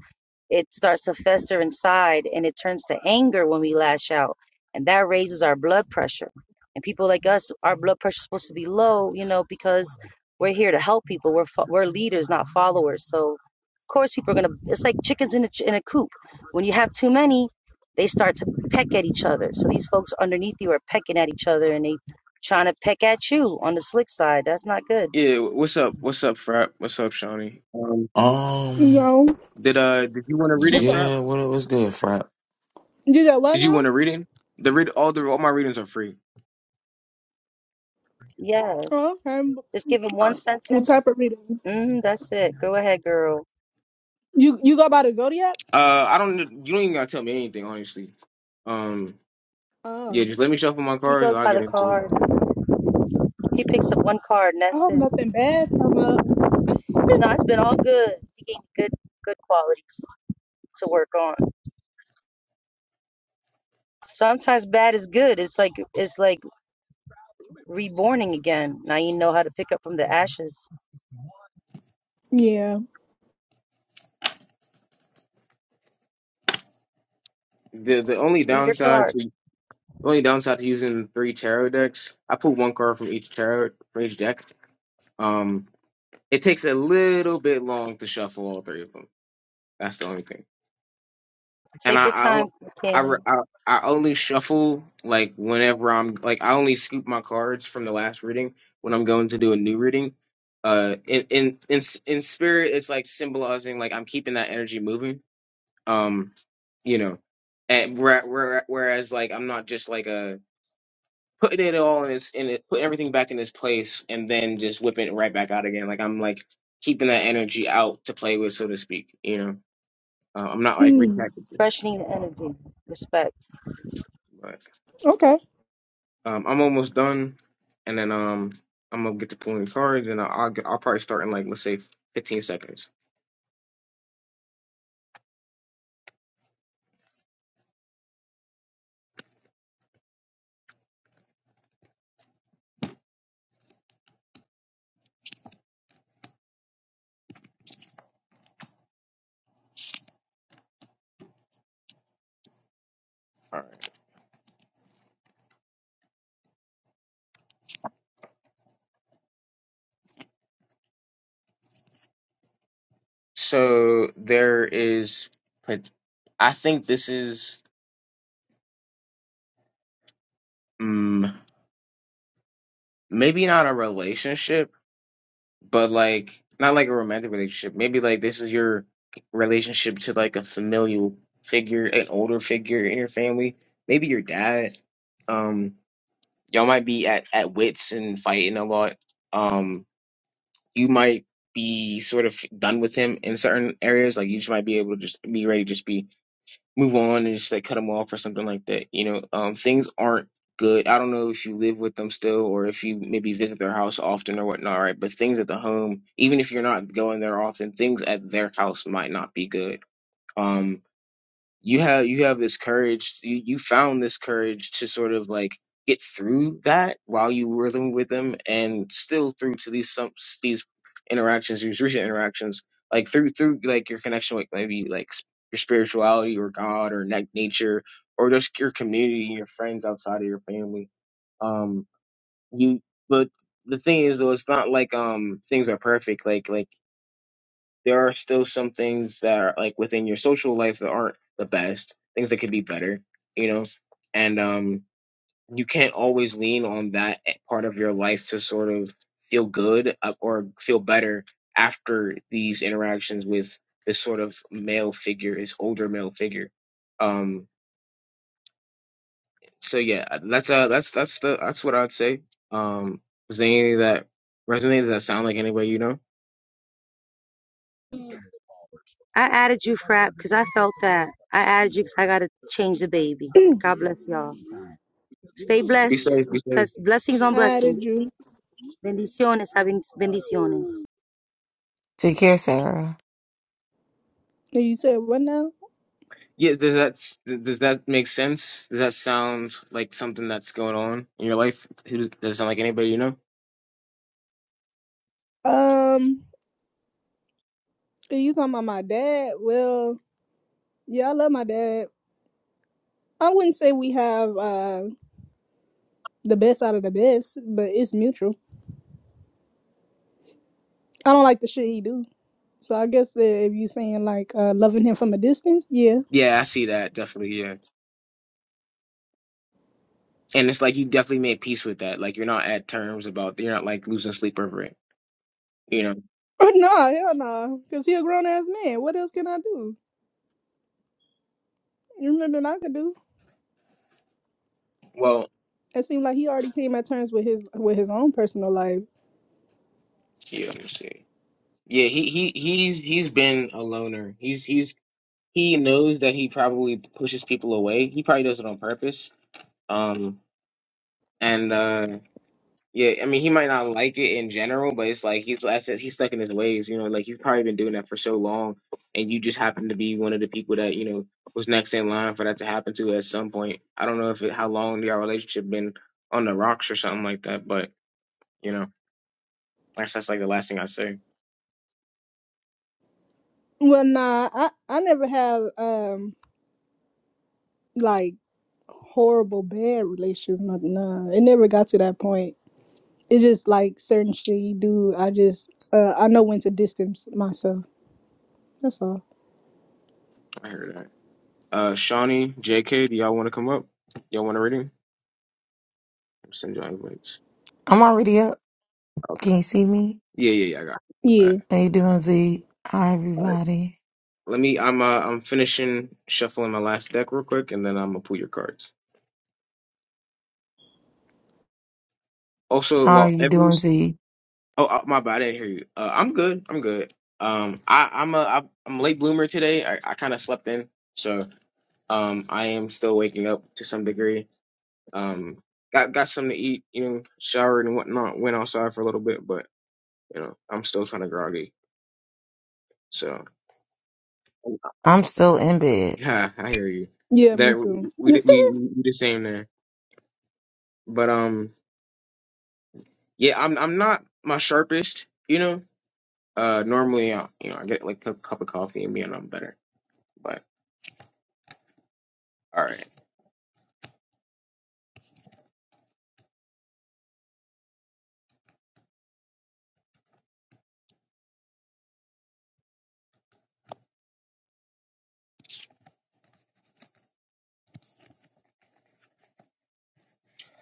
[SPEAKER 2] It starts to fester inside and it turns to anger when we lash out. And that raises our blood pressure. And people like us, our blood pressure is supposed to be low, you know, because we're here to help people. We're fo- we're leaders, not followers. So, of course, people are going to, it's like chickens in a, ch- in a coop. When you have too many, they start to peck at each other. So these folks underneath you are pecking at each other and they trying to peck at you on the slick side. That's not good.
[SPEAKER 1] yeah what's up what's up Frap what's up Shawnee um
[SPEAKER 4] Um,
[SPEAKER 5] Yo.
[SPEAKER 1] did uh did you want a reading Frap
[SPEAKER 4] yeah. Well, it was good, Fry.
[SPEAKER 5] You said what
[SPEAKER 1] did you
[SPEAKER 5] now?
[SPEAKER 1] want a reading the read all the all my readings are free
[SPEAKER 2] Yes.
[SPEAKER 5] Oh, okay.
[SPEAKER 2] Just give him
[SPEAKER 1] all
[SPEAKER 2] one
[SPEAKER 1] right
[SPEAKER 5] What
[SPEAKER 2] sentence.
[SPEAKER 5] type of reading?
[SPEAKER 2] Mm, that's it. Go ahead, girl.
[SPEAKER 5] You you go by the zodiac?
[SPEAKER 1] uh I don't you don't even gotta tell me anything honestly um Yeah,
[SPEAKER 5] Oh.
[SPEAKER 1] just let me shuffle my
[SPEAKER 2] He
[SPEAKER 1] cards.
[SPEAKER 2] goes
[SPEAKER 1] and I'll
[SPEAKER 2] by
[SPEAKER 1] get
[SPEAKER 2] the
[SPEAKER 1] into it.
[SPEAKER 2] card. He picks up one card and
[SPEAKER 5] I
[SPEAKER 2] that's
[SPEAKER 5] hope
[SPEAKER 2] it.
[SPEAKER 5] nothing bad come up.
[SPEAKER 2] No, it's been all good. He gave me good good qualities to work on. Sometimes bad is good. It's like it's like reborning again. Now you know how to pick up from the ashes.
[SPEAKER 5] Yeah.
[SPEAKER 1] The the only
[SPEAKER 2] Read your
[SPEAKER 1] downside
[SPEAKER 2] card.
[SPEAKER 1] to the only downside to using three tarot decks, I put one card from each tarot for each deck. Um, it takes a little bit long to shuffle all three of them. That's the only thing. And
[SPEAKER 2] Take
[SPEAKER 1] I
[SPEAKER 2] your
[SPEAKER 1] I
[SPEAKER 2] time,
[SPEAKER 1] I re-
[SPEAKER 2] King.
[SPEAKER 1] I, I only shuffle like whenever I'm like I only scoop my cards from the last reading when I'm going to do a new reading. Uh, in in in s- in spirit, it's like symbolizing like I'm keeping that energy moving um you know and where, where, whereas like i'm not just like a putting it all in its in it putting everything back in its place and then just whipping it right back out again like i'm like keeping that energy out to play with so to speak you know uh, i'm not like
[SPEAKER 5] Mm.
[SPEAKER 1] repackaging it
[SPEAKER 2] Freshening the energy. Respect.
[SPEAKER 1] but
[SPEAKER 5] Okay.
[SPEAKER 1] um i'm almost done and then um i'm gonna get to pulling cards and i'll i'll, get, I'll probably start in like let's say 15 seconds all right so there is i think this is mm, maybe not a relationship, but like not like a romantic relationship. Maybe like this is your relationship to like a familial figure, an older figure in your family. Maybe your dad. Um, y'all might be at at wits and fighting a lot. Um, you might be sort of done with him in certain areas. Like you just might be able to just be ready, to just be move on and just like cut them off or something like that. You know, um, things aren't good. I don't know if you live with them still or if you maybe visit their house often or whatnot, right? But things at the home, even if you're not going there often, things at their house might not be good. Um, you have you have this courage you, you found this courage to sort of like get through that while you were living with them and still through to these some these interactions these recent interactions like through through like your connection with maybe like s- your spirituality or god or na- nature or just your community your friends outside of your family um you but the thing is though it's not like um things are perfect like like there are still some things that are like within your social life that aren't the best, things that could be better, you know, and um, you can't always lean on that e, part of your life to sort of feel good uh, or feel better after these interactions with this sort of male figure, this older male figure. Um, so yeah, uh, that's uh, that's that's the that's what I'd say. Um, is there any that resonates that sound like anybody you know?
[SPEAKER 2] I added you, Frap, because I felt that. I added you because I got to change the baby. God bless y'all. Stay
[SPEAKER 1] Be
[SPEAKER 2] blessed.
[SPEAKER 1] safe, be safe.
[SPEAKER 2] Bless, blessings on
[SPEAKER 5] I
[SPEAKER 2] blessings.
[SPEAKER 5] did you.
[SPEAKER 2] Bendiciones, having bendiciones.
[SPEAKER 6] Take care, Sarah.
[SPEAKER 5] And You said what now?
[SPEAKER 1] Yeah, does that does that make sense? Does that sound like something that's going on in your life? Who does it sound like anybody you know?
[SPEAKER 5] Um, and you talking about my dad? Well, yeah, I love my dad. I wouldn't say we have uh the best out of the best, but it's mutual. I don't like the shit he do. So I guess that if you saying like uh loving him from a distance, yeah.
[SPEAKER 1] Yeah, I see that definitely. Yeah, and it's like you definitely made peace with that. Like you're not at terms about you're not like losing sleep over it. You know.
[SPEAKER 5] Nah, hell no. nah, Cause he a grown ass man. What else can I do? You know that I could do.
[SPEAKER 1] Well,
[SPEAKER 5] It seemed like he already came at terms with his with his own personal life.
[SPEAKER 1] yeah. Let me see. Yeah, he he he's he's been a loner. He's he's he knows that he probably pushes people away. He probably does it on purpose. Um, and uh Yeah, I mean, he might not like it in general, but it's like he's, like I said, he's stuck in his ways, you know, like he's probably been doing that for so long, and you just happen to be one of the people that, you know, was next in line for that to happen to at some point. I don't know if it, how long your relationship been on the rocks or something like that, but, you know, that's, that's like the last thing I say.
[SPEAKER 5] Well, nah, I I never had um like horrible bad relationships. Nah, nah. it never got to that point. It's just like certain shit he do. I just uh I know when to distance myself. That's all.
[SPEAKER 1] I heard that. Uh, Shawnee, JK, do y'all want to come up? Y'all want to read him? Send y'all invites.
[SPEAKER 6] I'm already up.
[SPEAKER 1] Okay.
[SPEAKER 6] Can you see me?
[SPEAKER 1] Yeah, yeah, yeah, I got it. All right.
[SPEAKER 5] Yeah,
[SPEAKER 6] How you doing, Z? Hi,
[SPEAKER 1] All right.
[SPEAKER 6] everybody.
[SPEAKER 1] Let me, I'm, uh, I'm finishing shuffling my last deck real quick, and then I'm gonna pull your cards. Also,
[SPEAKER 6] How are
[SPEAKER 1] well,
[SPEAKER 6] you
[SPEAKER 1] every
[SPEAKER 6] doing, Z?
[SPEAKER 1] oh uh, my bad, I didn't hear you. Uh, I'm good. I'm good. Um, I I'm a I'm I'm a late bloomer today. I, I kind of slept in, so um, I am still waking up to some degree. Um, got got something to eat, you know, showered and whatnot. Went outside for a little bit, but you know, I'm still kind of groggy. So
[SPEAKER 6] I'm still in bed.
[SPEAKER 1] yeah, I hear you.
[SPEAKER 5] yeah, me
[SPEAKER 1] That we
[SPEAKER 5] too.
[SPEAKER 1] we we, we the same there. But um, yeah, I'm I'm not my sharpest, you know. Uh, normally, I, you know, I get like a cup of coffee and me and I'm better. All right.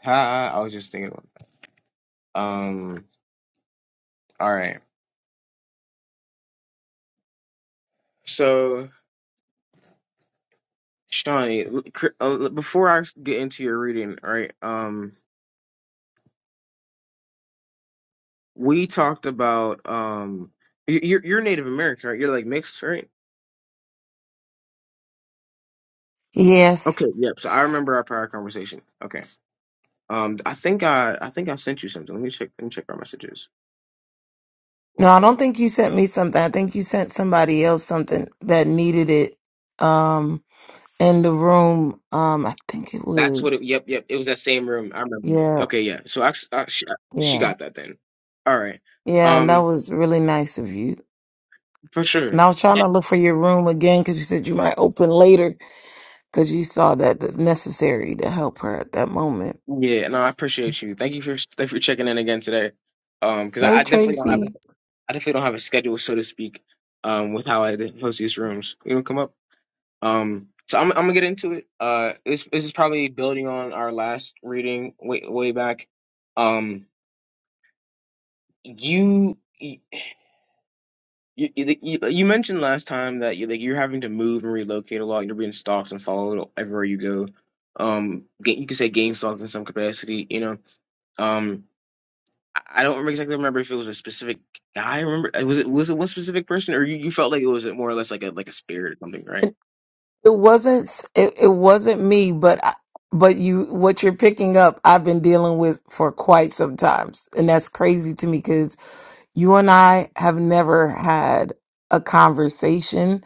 [SPEAKER 1] Ha, I was just thinking about that. Um, all right. So, Shawnee, l- cr- uh, before I get into your reading, all right? Um, we talked about um, y- you're you're Native American, right? You're like mixed, right?
[SPEAKER 6] Yes.
[SPEAKER 1] Okay. Yep. So I remember our prior conversation. Okay. Um, I think I I think I sent you something. Let me check. Let me check our messages.
[SPEAKER 6] No,
[SPEAKER 1] Well,
[SPEAKER 6] I
[SPEAKER 1] hold
[SPEAKER 6] don't
[SPEAKER 1] up.
[SPEAKER 6] think you sent me something. I think you sent somebody else something that needed it. Um, in the room. Um, I think it
[SPEAKER 1] That's what it.
[SPEAKER 6] was.
[SPEAKER 1] Yep. Yep. It was that same room. I remember.
[SPEAKER 6] Yeah,
[SPEAKER 1] Okay. Yeah. So I, I she, she
[SPEAKER 6] yeah,
[SPEAKER 1] got that then. All right.
[SPEAKER 6] yeah. And that
[SPEAKER 1] Um,
[SPEAKER 6] was really nice of you.
[SPEAKER 1] for
[SPEAKER 6] And
[SPEAKER 1] sure.
[SPEAKER 6] I was trying to look for your room again because you said you might open later because you saw that that's necessary to help her at that moment.
[SPEAKER 1] Yeah, no, I appreciate you. Thank you for thank you for checking in again today. Um, because I,
[SPEAKER 6] Hey
[SPEAKER 1] I definitely don't have a,
[SPEAKER 6] Tracy,
[SPEAKER 1] I definitely don't have a schedule, so to speak, um, with how I host these rooms. You know, come up. Um, so I'm I'm gonna get into it. Uh, this this is probably building on our last reading way way back. Um, you. You, you like, you you mentioned last time that you like you're having to move and relocate a lot. You're being stalked and followed everywhere you go. Um, ga- you could say gain stalked in some capacity. You know. Um, I I don't remember exactly remember if it was a specific guy. I remember uh, was it was it one specific person, or you, you felt like it was more or less like a like a spirit or something, right?
[SPEAKER 6] it, it wasn't s- it, it wasn't me, but I, but you what you're picking up, I've been dealing with for quite some times, and that's crazy to me because you and I have never had a conversation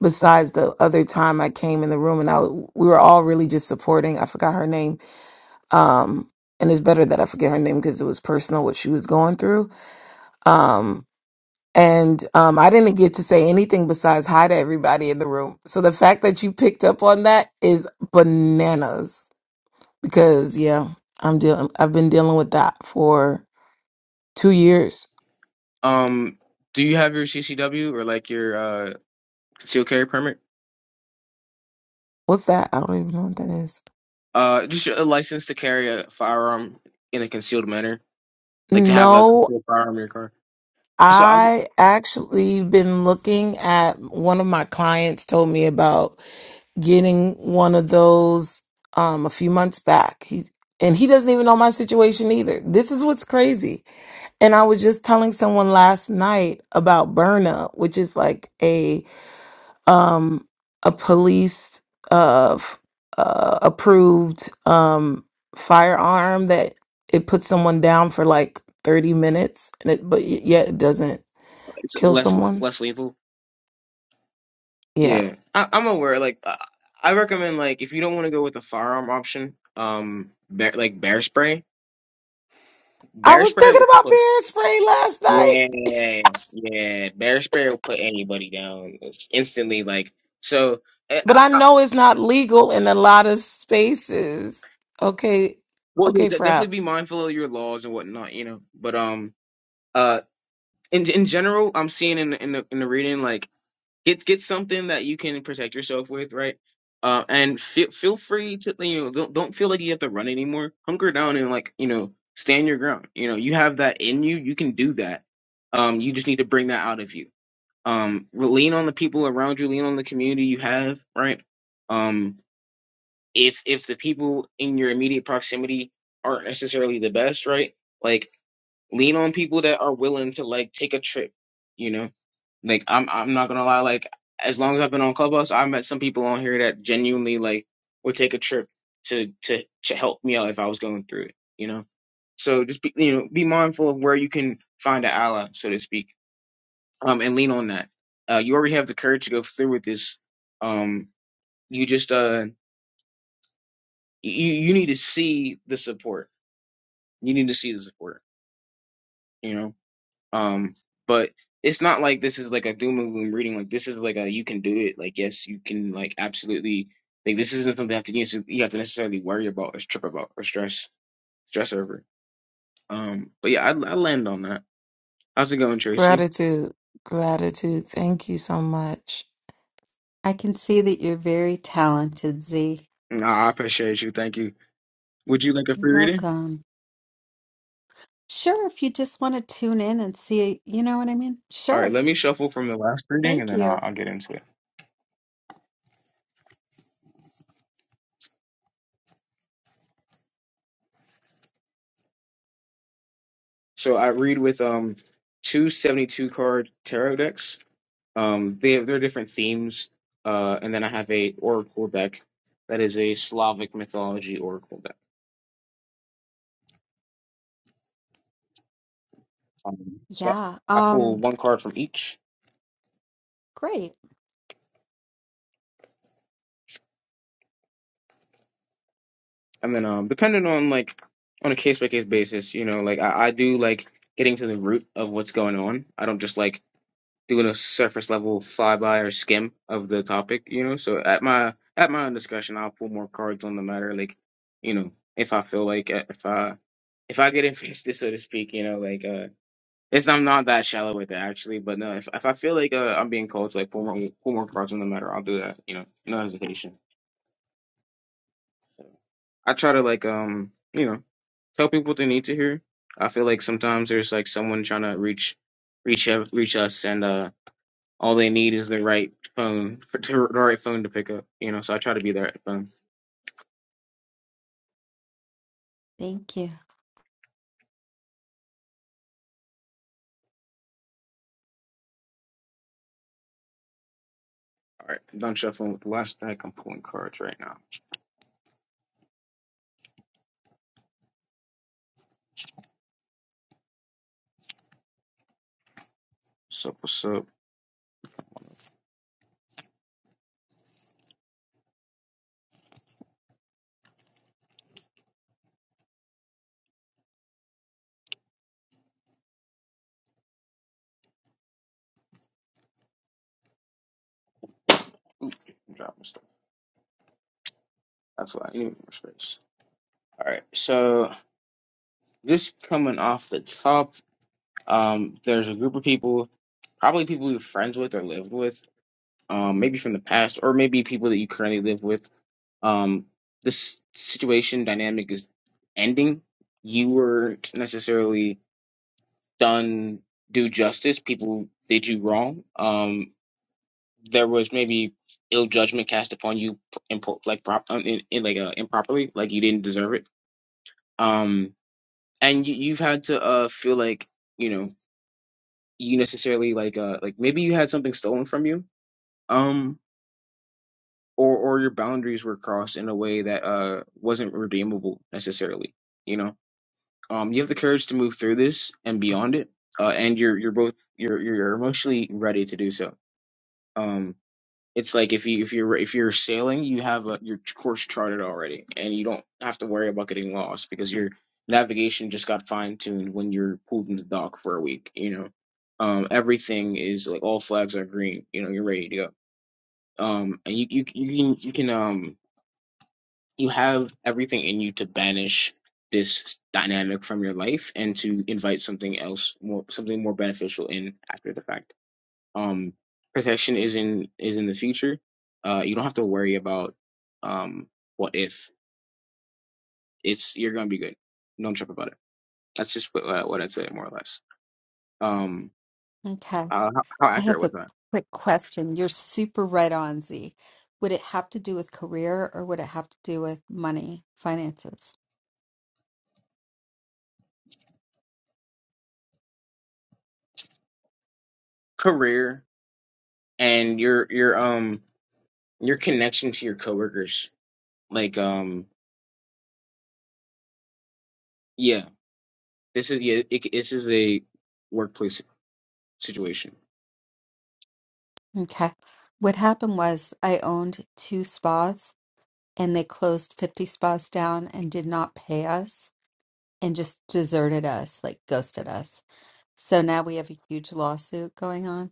[SPEAKER 6] besides the other time I came in the room and I we were all really just supporting. I forgot her name, um, and it's better that I forget her name because it was personal what she was going through. Um, And um, I didn't get to say anything besides hi to everybody in the room. So the fact that you picked up on that is bananas because yeah, I'm dealing. I've been dealing with that for two years.
[SPEAKER 1] Um, do you have your CCW or like your uh concealed carry permit?
[SPEAKER 6] What's that? I don't even know what that is.
[SPEAKER 1] Uh, just a license to carry a firearm in a concealed manner, like to have a
[SPEAKER 6] No,
[SPEAKER 1] concealed firearm in your car. So I'm
[SPEAKER 6] I actually been looking at one of my clients told me about getting one of those um, a few months back. He and he doesn't even know my situation either. This is what's crazy And I was just telling someone last night about Burna, which is like a um a police of uh approved um firearm that it puts someone down for like 30 minutes and it but y- yet it doesn't
[SPEAKER 1] it's
[SPEAKER 6] kill
[SPEAKER 1] less
[SPEAKER 6] someone.
[SPEAKER 1] less lethal.
[SPEAKER 6] Yeah.
[SPEAKER 1] Yeah, I, I'm aware. Like I, I recommend like if you don't want to go with the firearm option, um, bear, like bear spray,
[SPEAKER 6] I
[SPEAKER 1] bear
[SPEAKER 6] was
[SPEAKER 1] spray.
[SPEAKER 6] thinking about bear spray last night,
[SPEAKER 1] Yeah, yeah. Bear spray will put anybody down It's instantly. Like so, eh, I,
[SPEAKER 6] but I
[SPEAKER 1] I,
[SPEAKER 6] know it's not legal in a lot of spaces. Okay.
[SPEAKER 1] well, yeah,
[SPEAKER 6] Okay,
[SPEAKER 1] de-
[SPEAKER 6] frap.
[SPEAKER 1] definitely be mindful of your laws and whatnot, you know. But um, uh, in in general, I'm seeing in the, in the in the reading like get get something that you can protect yourself with, right? Uh, and feel feel free to you know don't don't feel like you have to run anymore. Hunker down and like you know stand your ground. You know you have that in you. You can do that. Um, you just need to bring that out of you um lean on the people around you lean on the community you have right um if if the people in your immediate proximity aren't necessarily the best right like lean on people that are willing to like take a trip you know like i'm i'm not gonna lie like as long as i've been on clubhouse i've met some people on here that genuinely like would take a trip to to to help me out if i was going through it you know so just be you know be mindful of where you can find an ally so to speak um, and lean on that. Uh, you already have the courage to go through with this. Um, you just uh, you you need to see the support. You need to see the support. You know. Um, but it's not like this is like a doom and gloom reading. Like this is like a you can do it. Like yes, you can. Like absolutely. Like this isn't something you have to you you have to necessarily worry about or trip about or stress stress over. Um, but yeah, I I land on that. How's it going, Tracy?
[SPEAKER 6] Gratitude. Gratitude. Thank you so much.
[SPEAKER 7] I can see that you're very talented, Z.
[SPEAKER 1] Nah, I appreciate you. Thank you. Would you like a
[SPEAKER 7] You're
[SPEAKER 1] free reading?
[SPEAKER 7] welcome. Sure, if you just want to tune in and see, you know what I mean?
[SPEAKER 1] All right,
[SPEAKER 7] Sure.
[SPEAKER 1] let me shuffle from the last reading
[SPEAKER 7] Thank
[SPEAKER 1] and then I'll,
[SPEAKER 7] you.
[SPEAKER 1] I'll get into it. So I read with um two seventy-two card tarot decks. Um, they have, they're different themes. Uh, and then I have a oracle deck that is a Slavic mythology oracle deck. Um, so
[SPEAKER 7] Yeah.
[SPEAKER 1] I pull
[SPEAKER 7] Um,
[SPEAKER 1] one card from each,
[SPEAKER 7] great.
[SPEAKER 1] and then um, depending on like on a case by case basis, you know, like I, I do like getting to the root of what's going on. I don't just like doing a surface level flyby or skim of the topic, you know. So at my at my own discretion, I'll pull more cards on the matter, like you know, if I feel like it, if I if I get invested, so to speak, you know, like uh, it's I'm not that shallow with it actually, but no, if if I feel like uh, I'm being called to like pull more pull more cards on the matter, I'll do that, you know, no hesitation. So I try to like um you know tell people what they need to hear. I feel like sometimes there's like someone trying to reach reach ev- reach us and uh all they need is the right phone for to, the right phone to pick up. You know, so I try to be the right phone.
[SPEAKER 7] Thank you.
[SPEAKER 1] All right, I'm done shuffling with the last deck. I'm pulling cards right now. What's up? What's up? Oop, I'm dropping stuff. That's why I need more space. All right, so just coming off the top, um, there's a group of people, probably people you're friends with or lived with, um, maybe from the past, or maybe people that you currently live with. Um, this situation dynamic is ending. You weren't necessarily done due justice. People did you wrong. Um, there was maybe ill judgment cast upon you, impo- like prop, um, in, in, like uh, improperly, like you didn't deserve it. Um, and you, you've had to uh feel like you know you necessarily like uh like maybe you had something stolen from you. Um. Or, or your boundaries were crossed in a way that uh, wasn't redeemable necessarily. You know, um, you have the courage to move through this and beyond it, uh, and you're you're both you're you're emotionally ready to do so. Um, It's like if you if you're if you're sailing, you have a, your course charted already, and you don't have to worry about getting lost because your navigation just got fine tuned when you're pulled in the dock for a week. You know, um, everything is like all flags are green. You know, you're ready to go. Um, and you you you can you can um you have everything in you to banish this dynamic from your life and to invite something else more something more beneficial in after the fact um protection is in is in the future uh you don't have to worry about um what if it's you're gonna be good don't trip about it that's just what, uh, what i'd say more or less um
[SPEAKER 7] Okay.
[SPEAKER 1] uh, how, how
[SPEAKER 7] I
[SPEAKER 1] accurate
[SPEAKER 7] have a
[SPEAKER 1] was that
[SPEAKER 7] quick question. You're super right on, Z. Would it have to do with career or would it have to do with money, finances?
[SPEAKER 1] career and your your um your connection to your coworkers like um yeah this is yeah it, this is a workplace situation
[SPEAKER 7] Okay. What happened was I owned two spas and they closed 50 spas down and did not pay us. and just deserted us, like ghosted us. So now we have a huge lawsuit going on.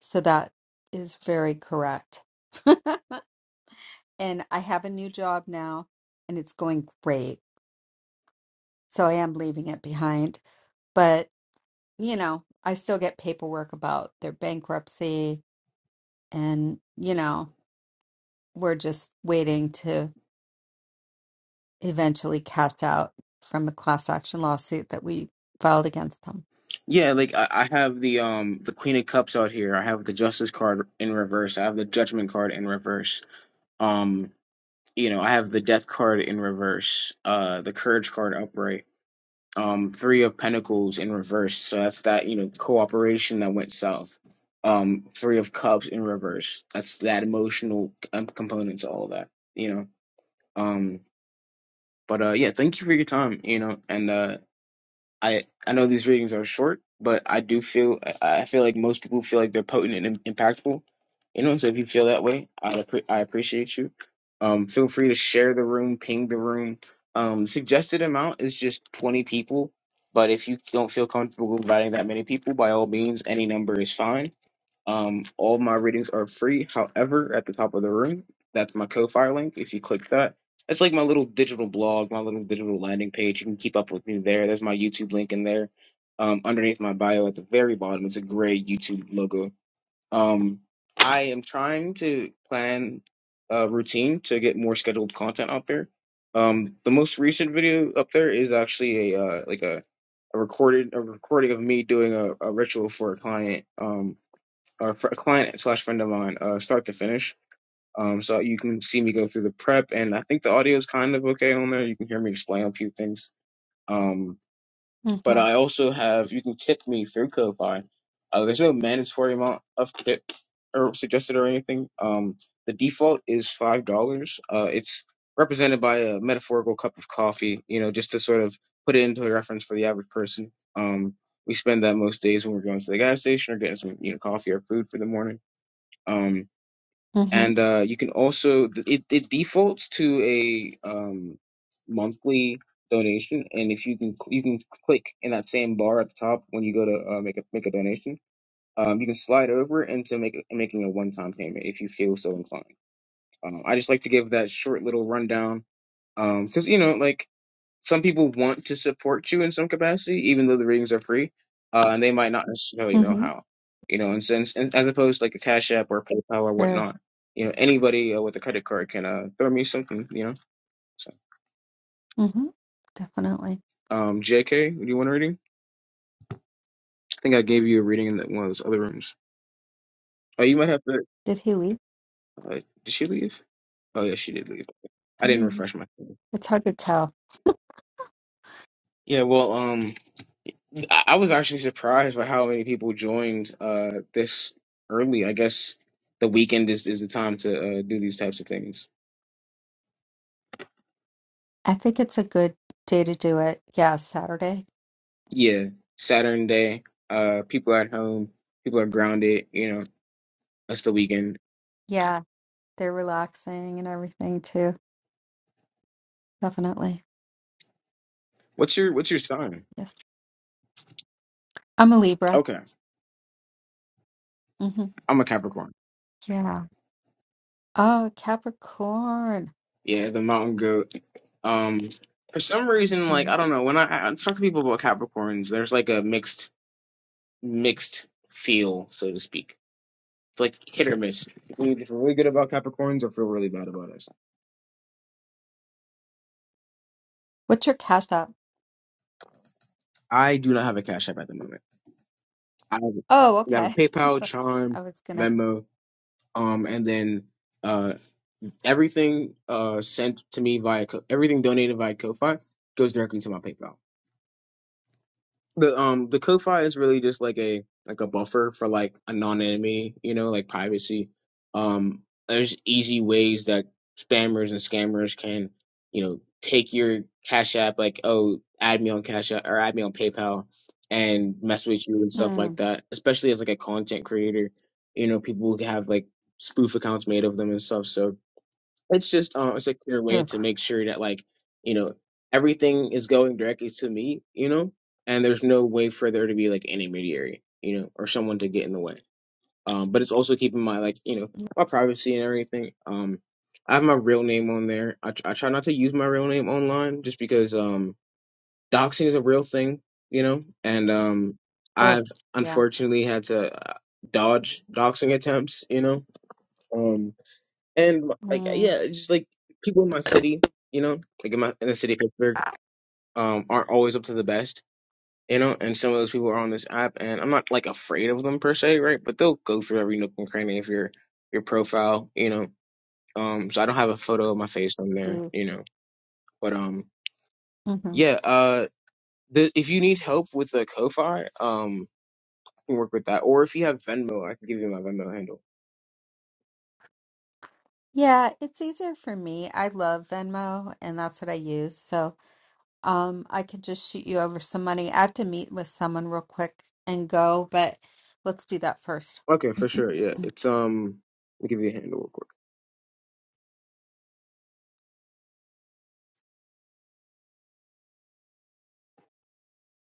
[SPEAKER 7] So that is very correct. and I have a new job now and it's going great. So I am leaving it behind. But, you know, I still get paperwork about their bankruptcy and, you know, we're just waiting to eventually cash out from a class action lawsuit that we filed against them.
[SPEAKER 1] yeah like I, I have the um the queen of cups out here i have the justice card in reverse i have the judgment card in reverse Um, you know, I have the Death card in reverse, uh, the Courage card upright, um, Three of Pentacles in reverse. So that's that, you know, cooperation that went south. Um, Three of Cups in reverse. That's that emotional um, component to all of that, you know. Um, but uh, yeah, thank you for your time, you know, and uh, I I know these readings are short, but I do feel I I feel like most people feel like they're potent and impactful. You know, so if you feel that way, I appre- I appreciate you. Um, feel free to share the room, ping the room. Um, suggested amount is just twenty people, but if you don't feel comfortable inviting that many people, by all means, any number is fine. Um, all my readings are free. However, at the top of the room, that's my Ko-fi link. If you click that, it's like my little digital blog, my little digital landing page. You can keep up with me there. There's my YouTube link in there. Um, underneath my bio at the very bottom, it's a gray YouTube logo. Um, I am trying to plan a routine to get more scheduled content out there. Um, the most recent video up there is actually a uh, like a, a recorded a recording of me doing a, a ritual for a client. Um, a fr- client slash friend of mine, uh, start to finish. Um, so you can see me go through the prep, and I think the audio is kind of okay on there. You can hear me explain a few things. Um, but
[SPEAKER 7] Mhm,
[SPEAKER 1] I also have you can tip me through Ko-fi. Uh, there's no mandatory amount of tip or suggested or anything. Um, the default is five dollars. Uh, it's represented by a metaphorical cup of coffee. You know, just to sort of put it into a reference for the average person. Um, we spend that most days when we're going to the gas station or getting some you know coffee or food for the morning um,
[SPEAKER 7] mhm,
[SPEAKER 1] and uh, you can also it, it defaults to a um, monthly donation and if you can you can click in that same bar at the top when you go to uh, make a make a donation um, you can slide over into make, making a one-time payment if you feel so inclined um, i just like to give that short little rundown because you know like some people want to support you in some capacity, even though the readings are free, uh, and they might not necessarily know
[SPEAKER 7] mhm.
[SPEAKER 1] how, you know, and since and as opposed to like a Cash App or PayPal or
[SPEAKER 7] Sure.
[SPEAKER 1] whatnot, you know, anybody uh, with a credit card can uh, throw me something, you know. So,
[SPEAKER 7] Mhm. Definitely.
[SPEAKER 1] um, JK, do you want a reading? I think I gave you a reading in that one of those other rooms. Oh, you might have to.
[SPEAKER 7] Did he leave?
[SPEAKER 1] Uh, did she leave? Oh, yeah, she did leave. I
[SPEAKER 7] I
[SPEAKER 1] didn't
[SPEAKER 7] don't know.
[SPEAKER 1] refresh my.
[SPEAKER 7] It's hard to tell.
[SPEAKER 1] Yeah, well, um. I I was actually surprised by how many people joined uh this early. I guess the weekend is, is the time to uh, do these types of things.
[SPEAKER 7] I think it's a good day to do it. Yeah, Saturday.
[SPEAKER 1] Yeah, Saturn day. Uh, people are at home. People are grounded. You know, that's the weekend.
[SPEAKER 7] Yeah, they're relaxing and everything too. Definitely.
[SPEAKER 1] What's your What's your sign?
[SPEAKER 7] Yes. I'm a Libra.
[SPEAKER 1] Okay,
[SPEAKER 7] hmm
[SPEAKER 1] I'm a Capricorn.
[SPEAKER 7] Yeah. Oh, Capricorn.
[SPEAKER 1] Yeah, the mountain goat. Um, for some reason, like
[SPEAKER 7] hmm
[SPEAKER 1] I don't know, when I, I I talk to people about Capricorns, there's like a mixed mixed feel, so to speak It's like hit or miss. If we feel really good about Capricorns or feel really bad about us.
[SPEAKER 7] What's your cash app?
[SPEAKER 1] I do not have a Cash App at the moment. I have,
[SPEAKER 7] Oh,
[SPEAKER 1] we have a
[SPEAKER 7] okay.
[SPEAKER 1] PayPal,
[SPEAKER 7] I
[SPEAKER 1] Charm,
[SPEAKER 7] was gonna.
[SPEAKER 1] Venmo, um, and then uh, everything uh sent to me via Co- everything donated via Ko-fi goes directly to my PayPal. the um the cook file is really just like a like a buffer for like anonymity, you know, like privacy. Um, there's easy ways that spammers and scammers can, you know, take your Cash App, like oh, add me on Cash App or add me on PayPal, and mess with you and stuff like
[SPEAKER 7] Mm.
[SPEAKER 1] that. Especially as like a content creator, you know, people who have like spoof accounts made of them and stuff. So it's just uh, a secure way to
[SPEAKER 7] Ugh.
[SPEAKER 1] make sure that like you know everything is going directly to me you know and there's no way for there to be like an intermediary you know or someone to get in the way um but it's also keeping my like you know my privacy and everything um i have my real name on there i, tr- I try not to use my real name online just because um doxing is a real thing you know and um
[SPEAKER 7] Ugh,
[SPEAKER 1] i've
[SPEAKER 7] yeah.
[SPEAKER 1] unfortunately had to uh, dodge doxing attempts you know Um, and like
[SPEAKER 7] Mm,
[SPEAKER 1] yeah, it's just like people in my city, you know, like in my in the city of Pittsburgh, um, aren't always up to the best, you know. And some of those people are on this app, and I'm not like afraid of them per se, right? But they'll go through every nook and cranny of your your profile, you know. Um, so I don't have a photo of my face on there, you know. But um,
[SPEAKER 7] mm-hmm.
[SPEAKER 1] yeah, uh, the, if you need help with the Ko-fi, um, I can work with that. Or if you have Venmo, I can give you my Venmo handle.
[SPEAKER 7] Yeah, it's easier for me. I love Venmo and that's what I use. So, um, I could just shoot you over some money. I have to meet with someone real quick and go, but let's do that first.
[SPEAKER 1] Okay, for sure. Yeah, it's um, let me give you a handle.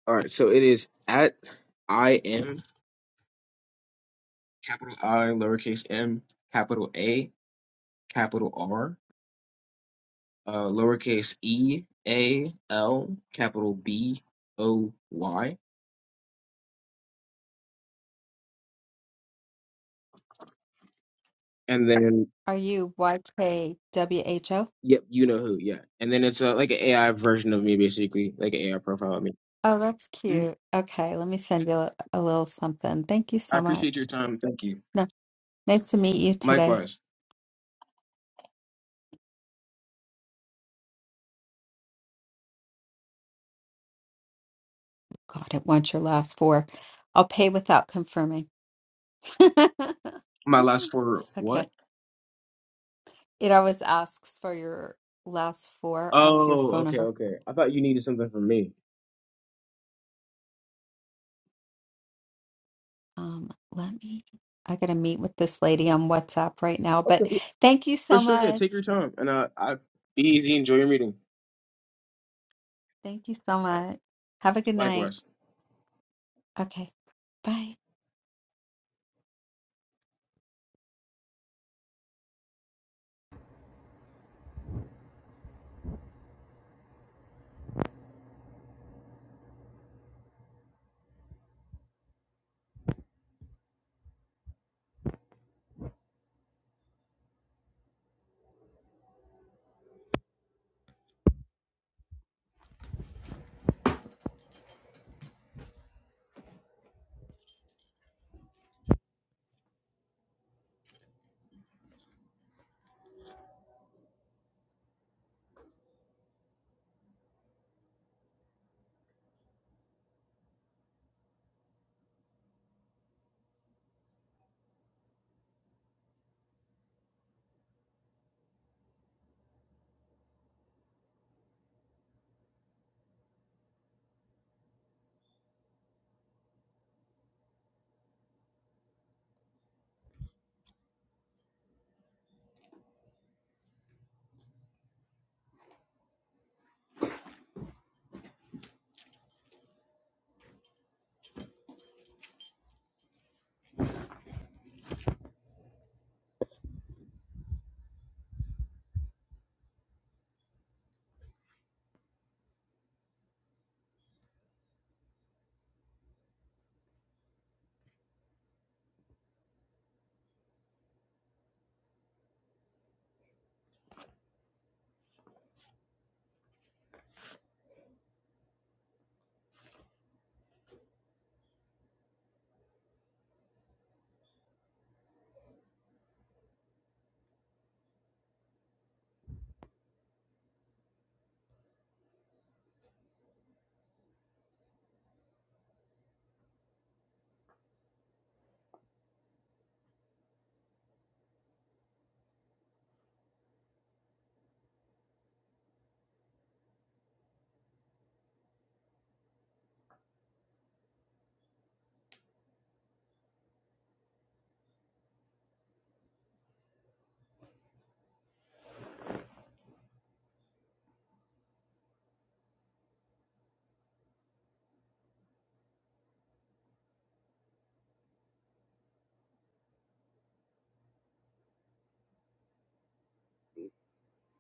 [SPEAKER 1] All right, so it is at I M capital I lowercase m capital A capital R uh, lowercase e A L capital B O Y and then
[SPEAKER 7] Are you YKWHO?
[SPEAKER 1] yep you know who yeah and then it's uh, like an AI version of me basically like an AI profile of me.
[SPEAKER 7] Oh, that's
[SPEAKER 1] Mhm.
[SPEAKER 7] cute. Okay, let me send you a, a little something. Thank you
[SPEAKER 1] I
[SPEAKER 7] so
[SPEAKER 1] appreciate your
[SPEAKER 7] much.
[SPEAKER 1] time. Thank you.
[SPEAKER 7] No, nice to meet you today.
[SPEAKER 1] Likewise.
[SPEAKER 7] God, it wants your last four. I'll pay without confirming.
[SPEAKER 1] My last for
[SPEAKER 7] Okay.
[SPEAKER 1] what?
[SPEAKER 7] It always asks for your last four of your
[SPEAKER 1] Oh,
[SPEAKER 7] phone
[SPEAKER 1] okay,
[SPEAKER 7] number.
[SPEAKER 1] okay. I thought you needed something from me.
[SPEAKER 7] Um, let me, I gotta meet with this lady on WhatsApp right now, but
[SPEAKER 1] Okay,
[SPEAKER 7] thank you
[SPEAKER 1] for
[SPEAKER 7] so
[SPEAKER 1] sure. Yeah, take
[SPEAKER 7] much.
[SPEAKER 1] your time and uh, I be easy. Enjoy your meeting.
[SPEAKER 7] Thank you so much. Have a good night.
[SPEAKER 1] Likewise.
[SPEAKER 7] Okay, bye.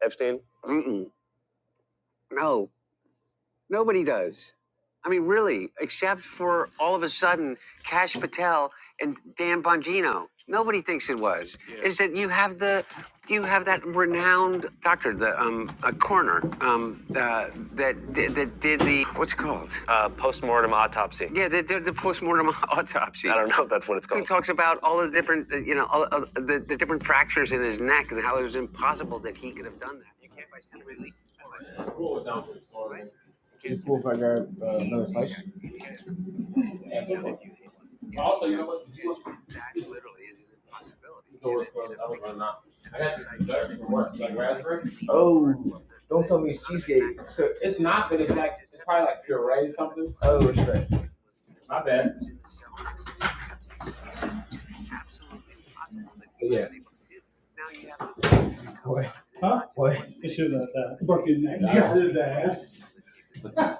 [SPEAKER 1] Epstein? Mm-mm. No, nobody does. I mean, really, except for all of a sudden Cash Patel and Dan Bongino. Nobody thinks it was. Yeah. Is that you have the, you have that renowned doctor, the um, a coroner, um, uh, that did, that did the what's it called? Uh, postmortem autopsy. Yeah, the the, the postmortem autopsy. I don't know if that's what it's Who called. Who talks about all the different, uh, you know, all, uh, the, the different fractures in his neck and how it was impossible that he could have done that. You can't by some relief cool if I grab uh, another slice? Also, you know what? That literally is an impossibility. The door's closed. I was running out. I got this dessert from work, like raspberry. Oh, don't tell me it's cheesecake. So, It's not, but it's like it's probably like puree or something. oh, My bad. But yeah. Now What? Huh? What? It shows that that fucking that Nah. got his ass.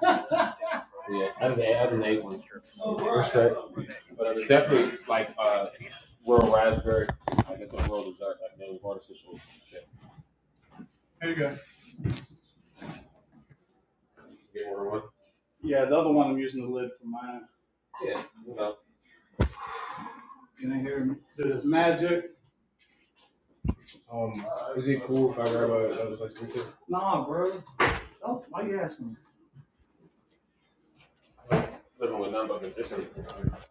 [SPEAKER 1] Yeah, I just ate, I just ate one. Respect. But it's definitely like uh, Royal Raspberry. I guess the world is dark. I know artificial shit. There you go. Get order one. Yeah, the other one I'm using the lid for mine. Yeah. You know. Can they hear me? Do this magic? Um, uh, is it cool if I grab another place to meet you? Nah, bro. That's, why you asking me? Living with none but musicians. Yeah.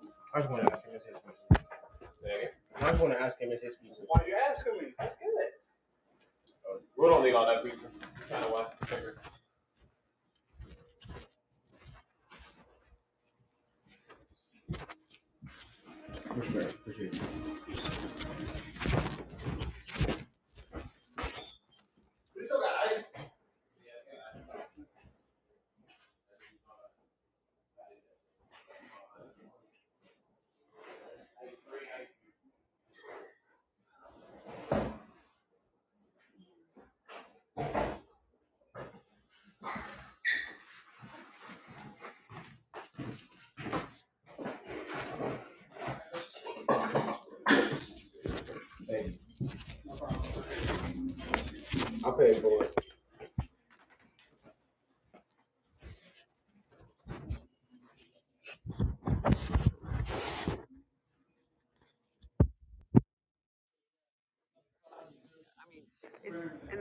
[SPEAKER 1] Why you asking me? Let's get it. Uh, We don't need all that pizza. Kind of why. We still got ice. I'll pay for it. And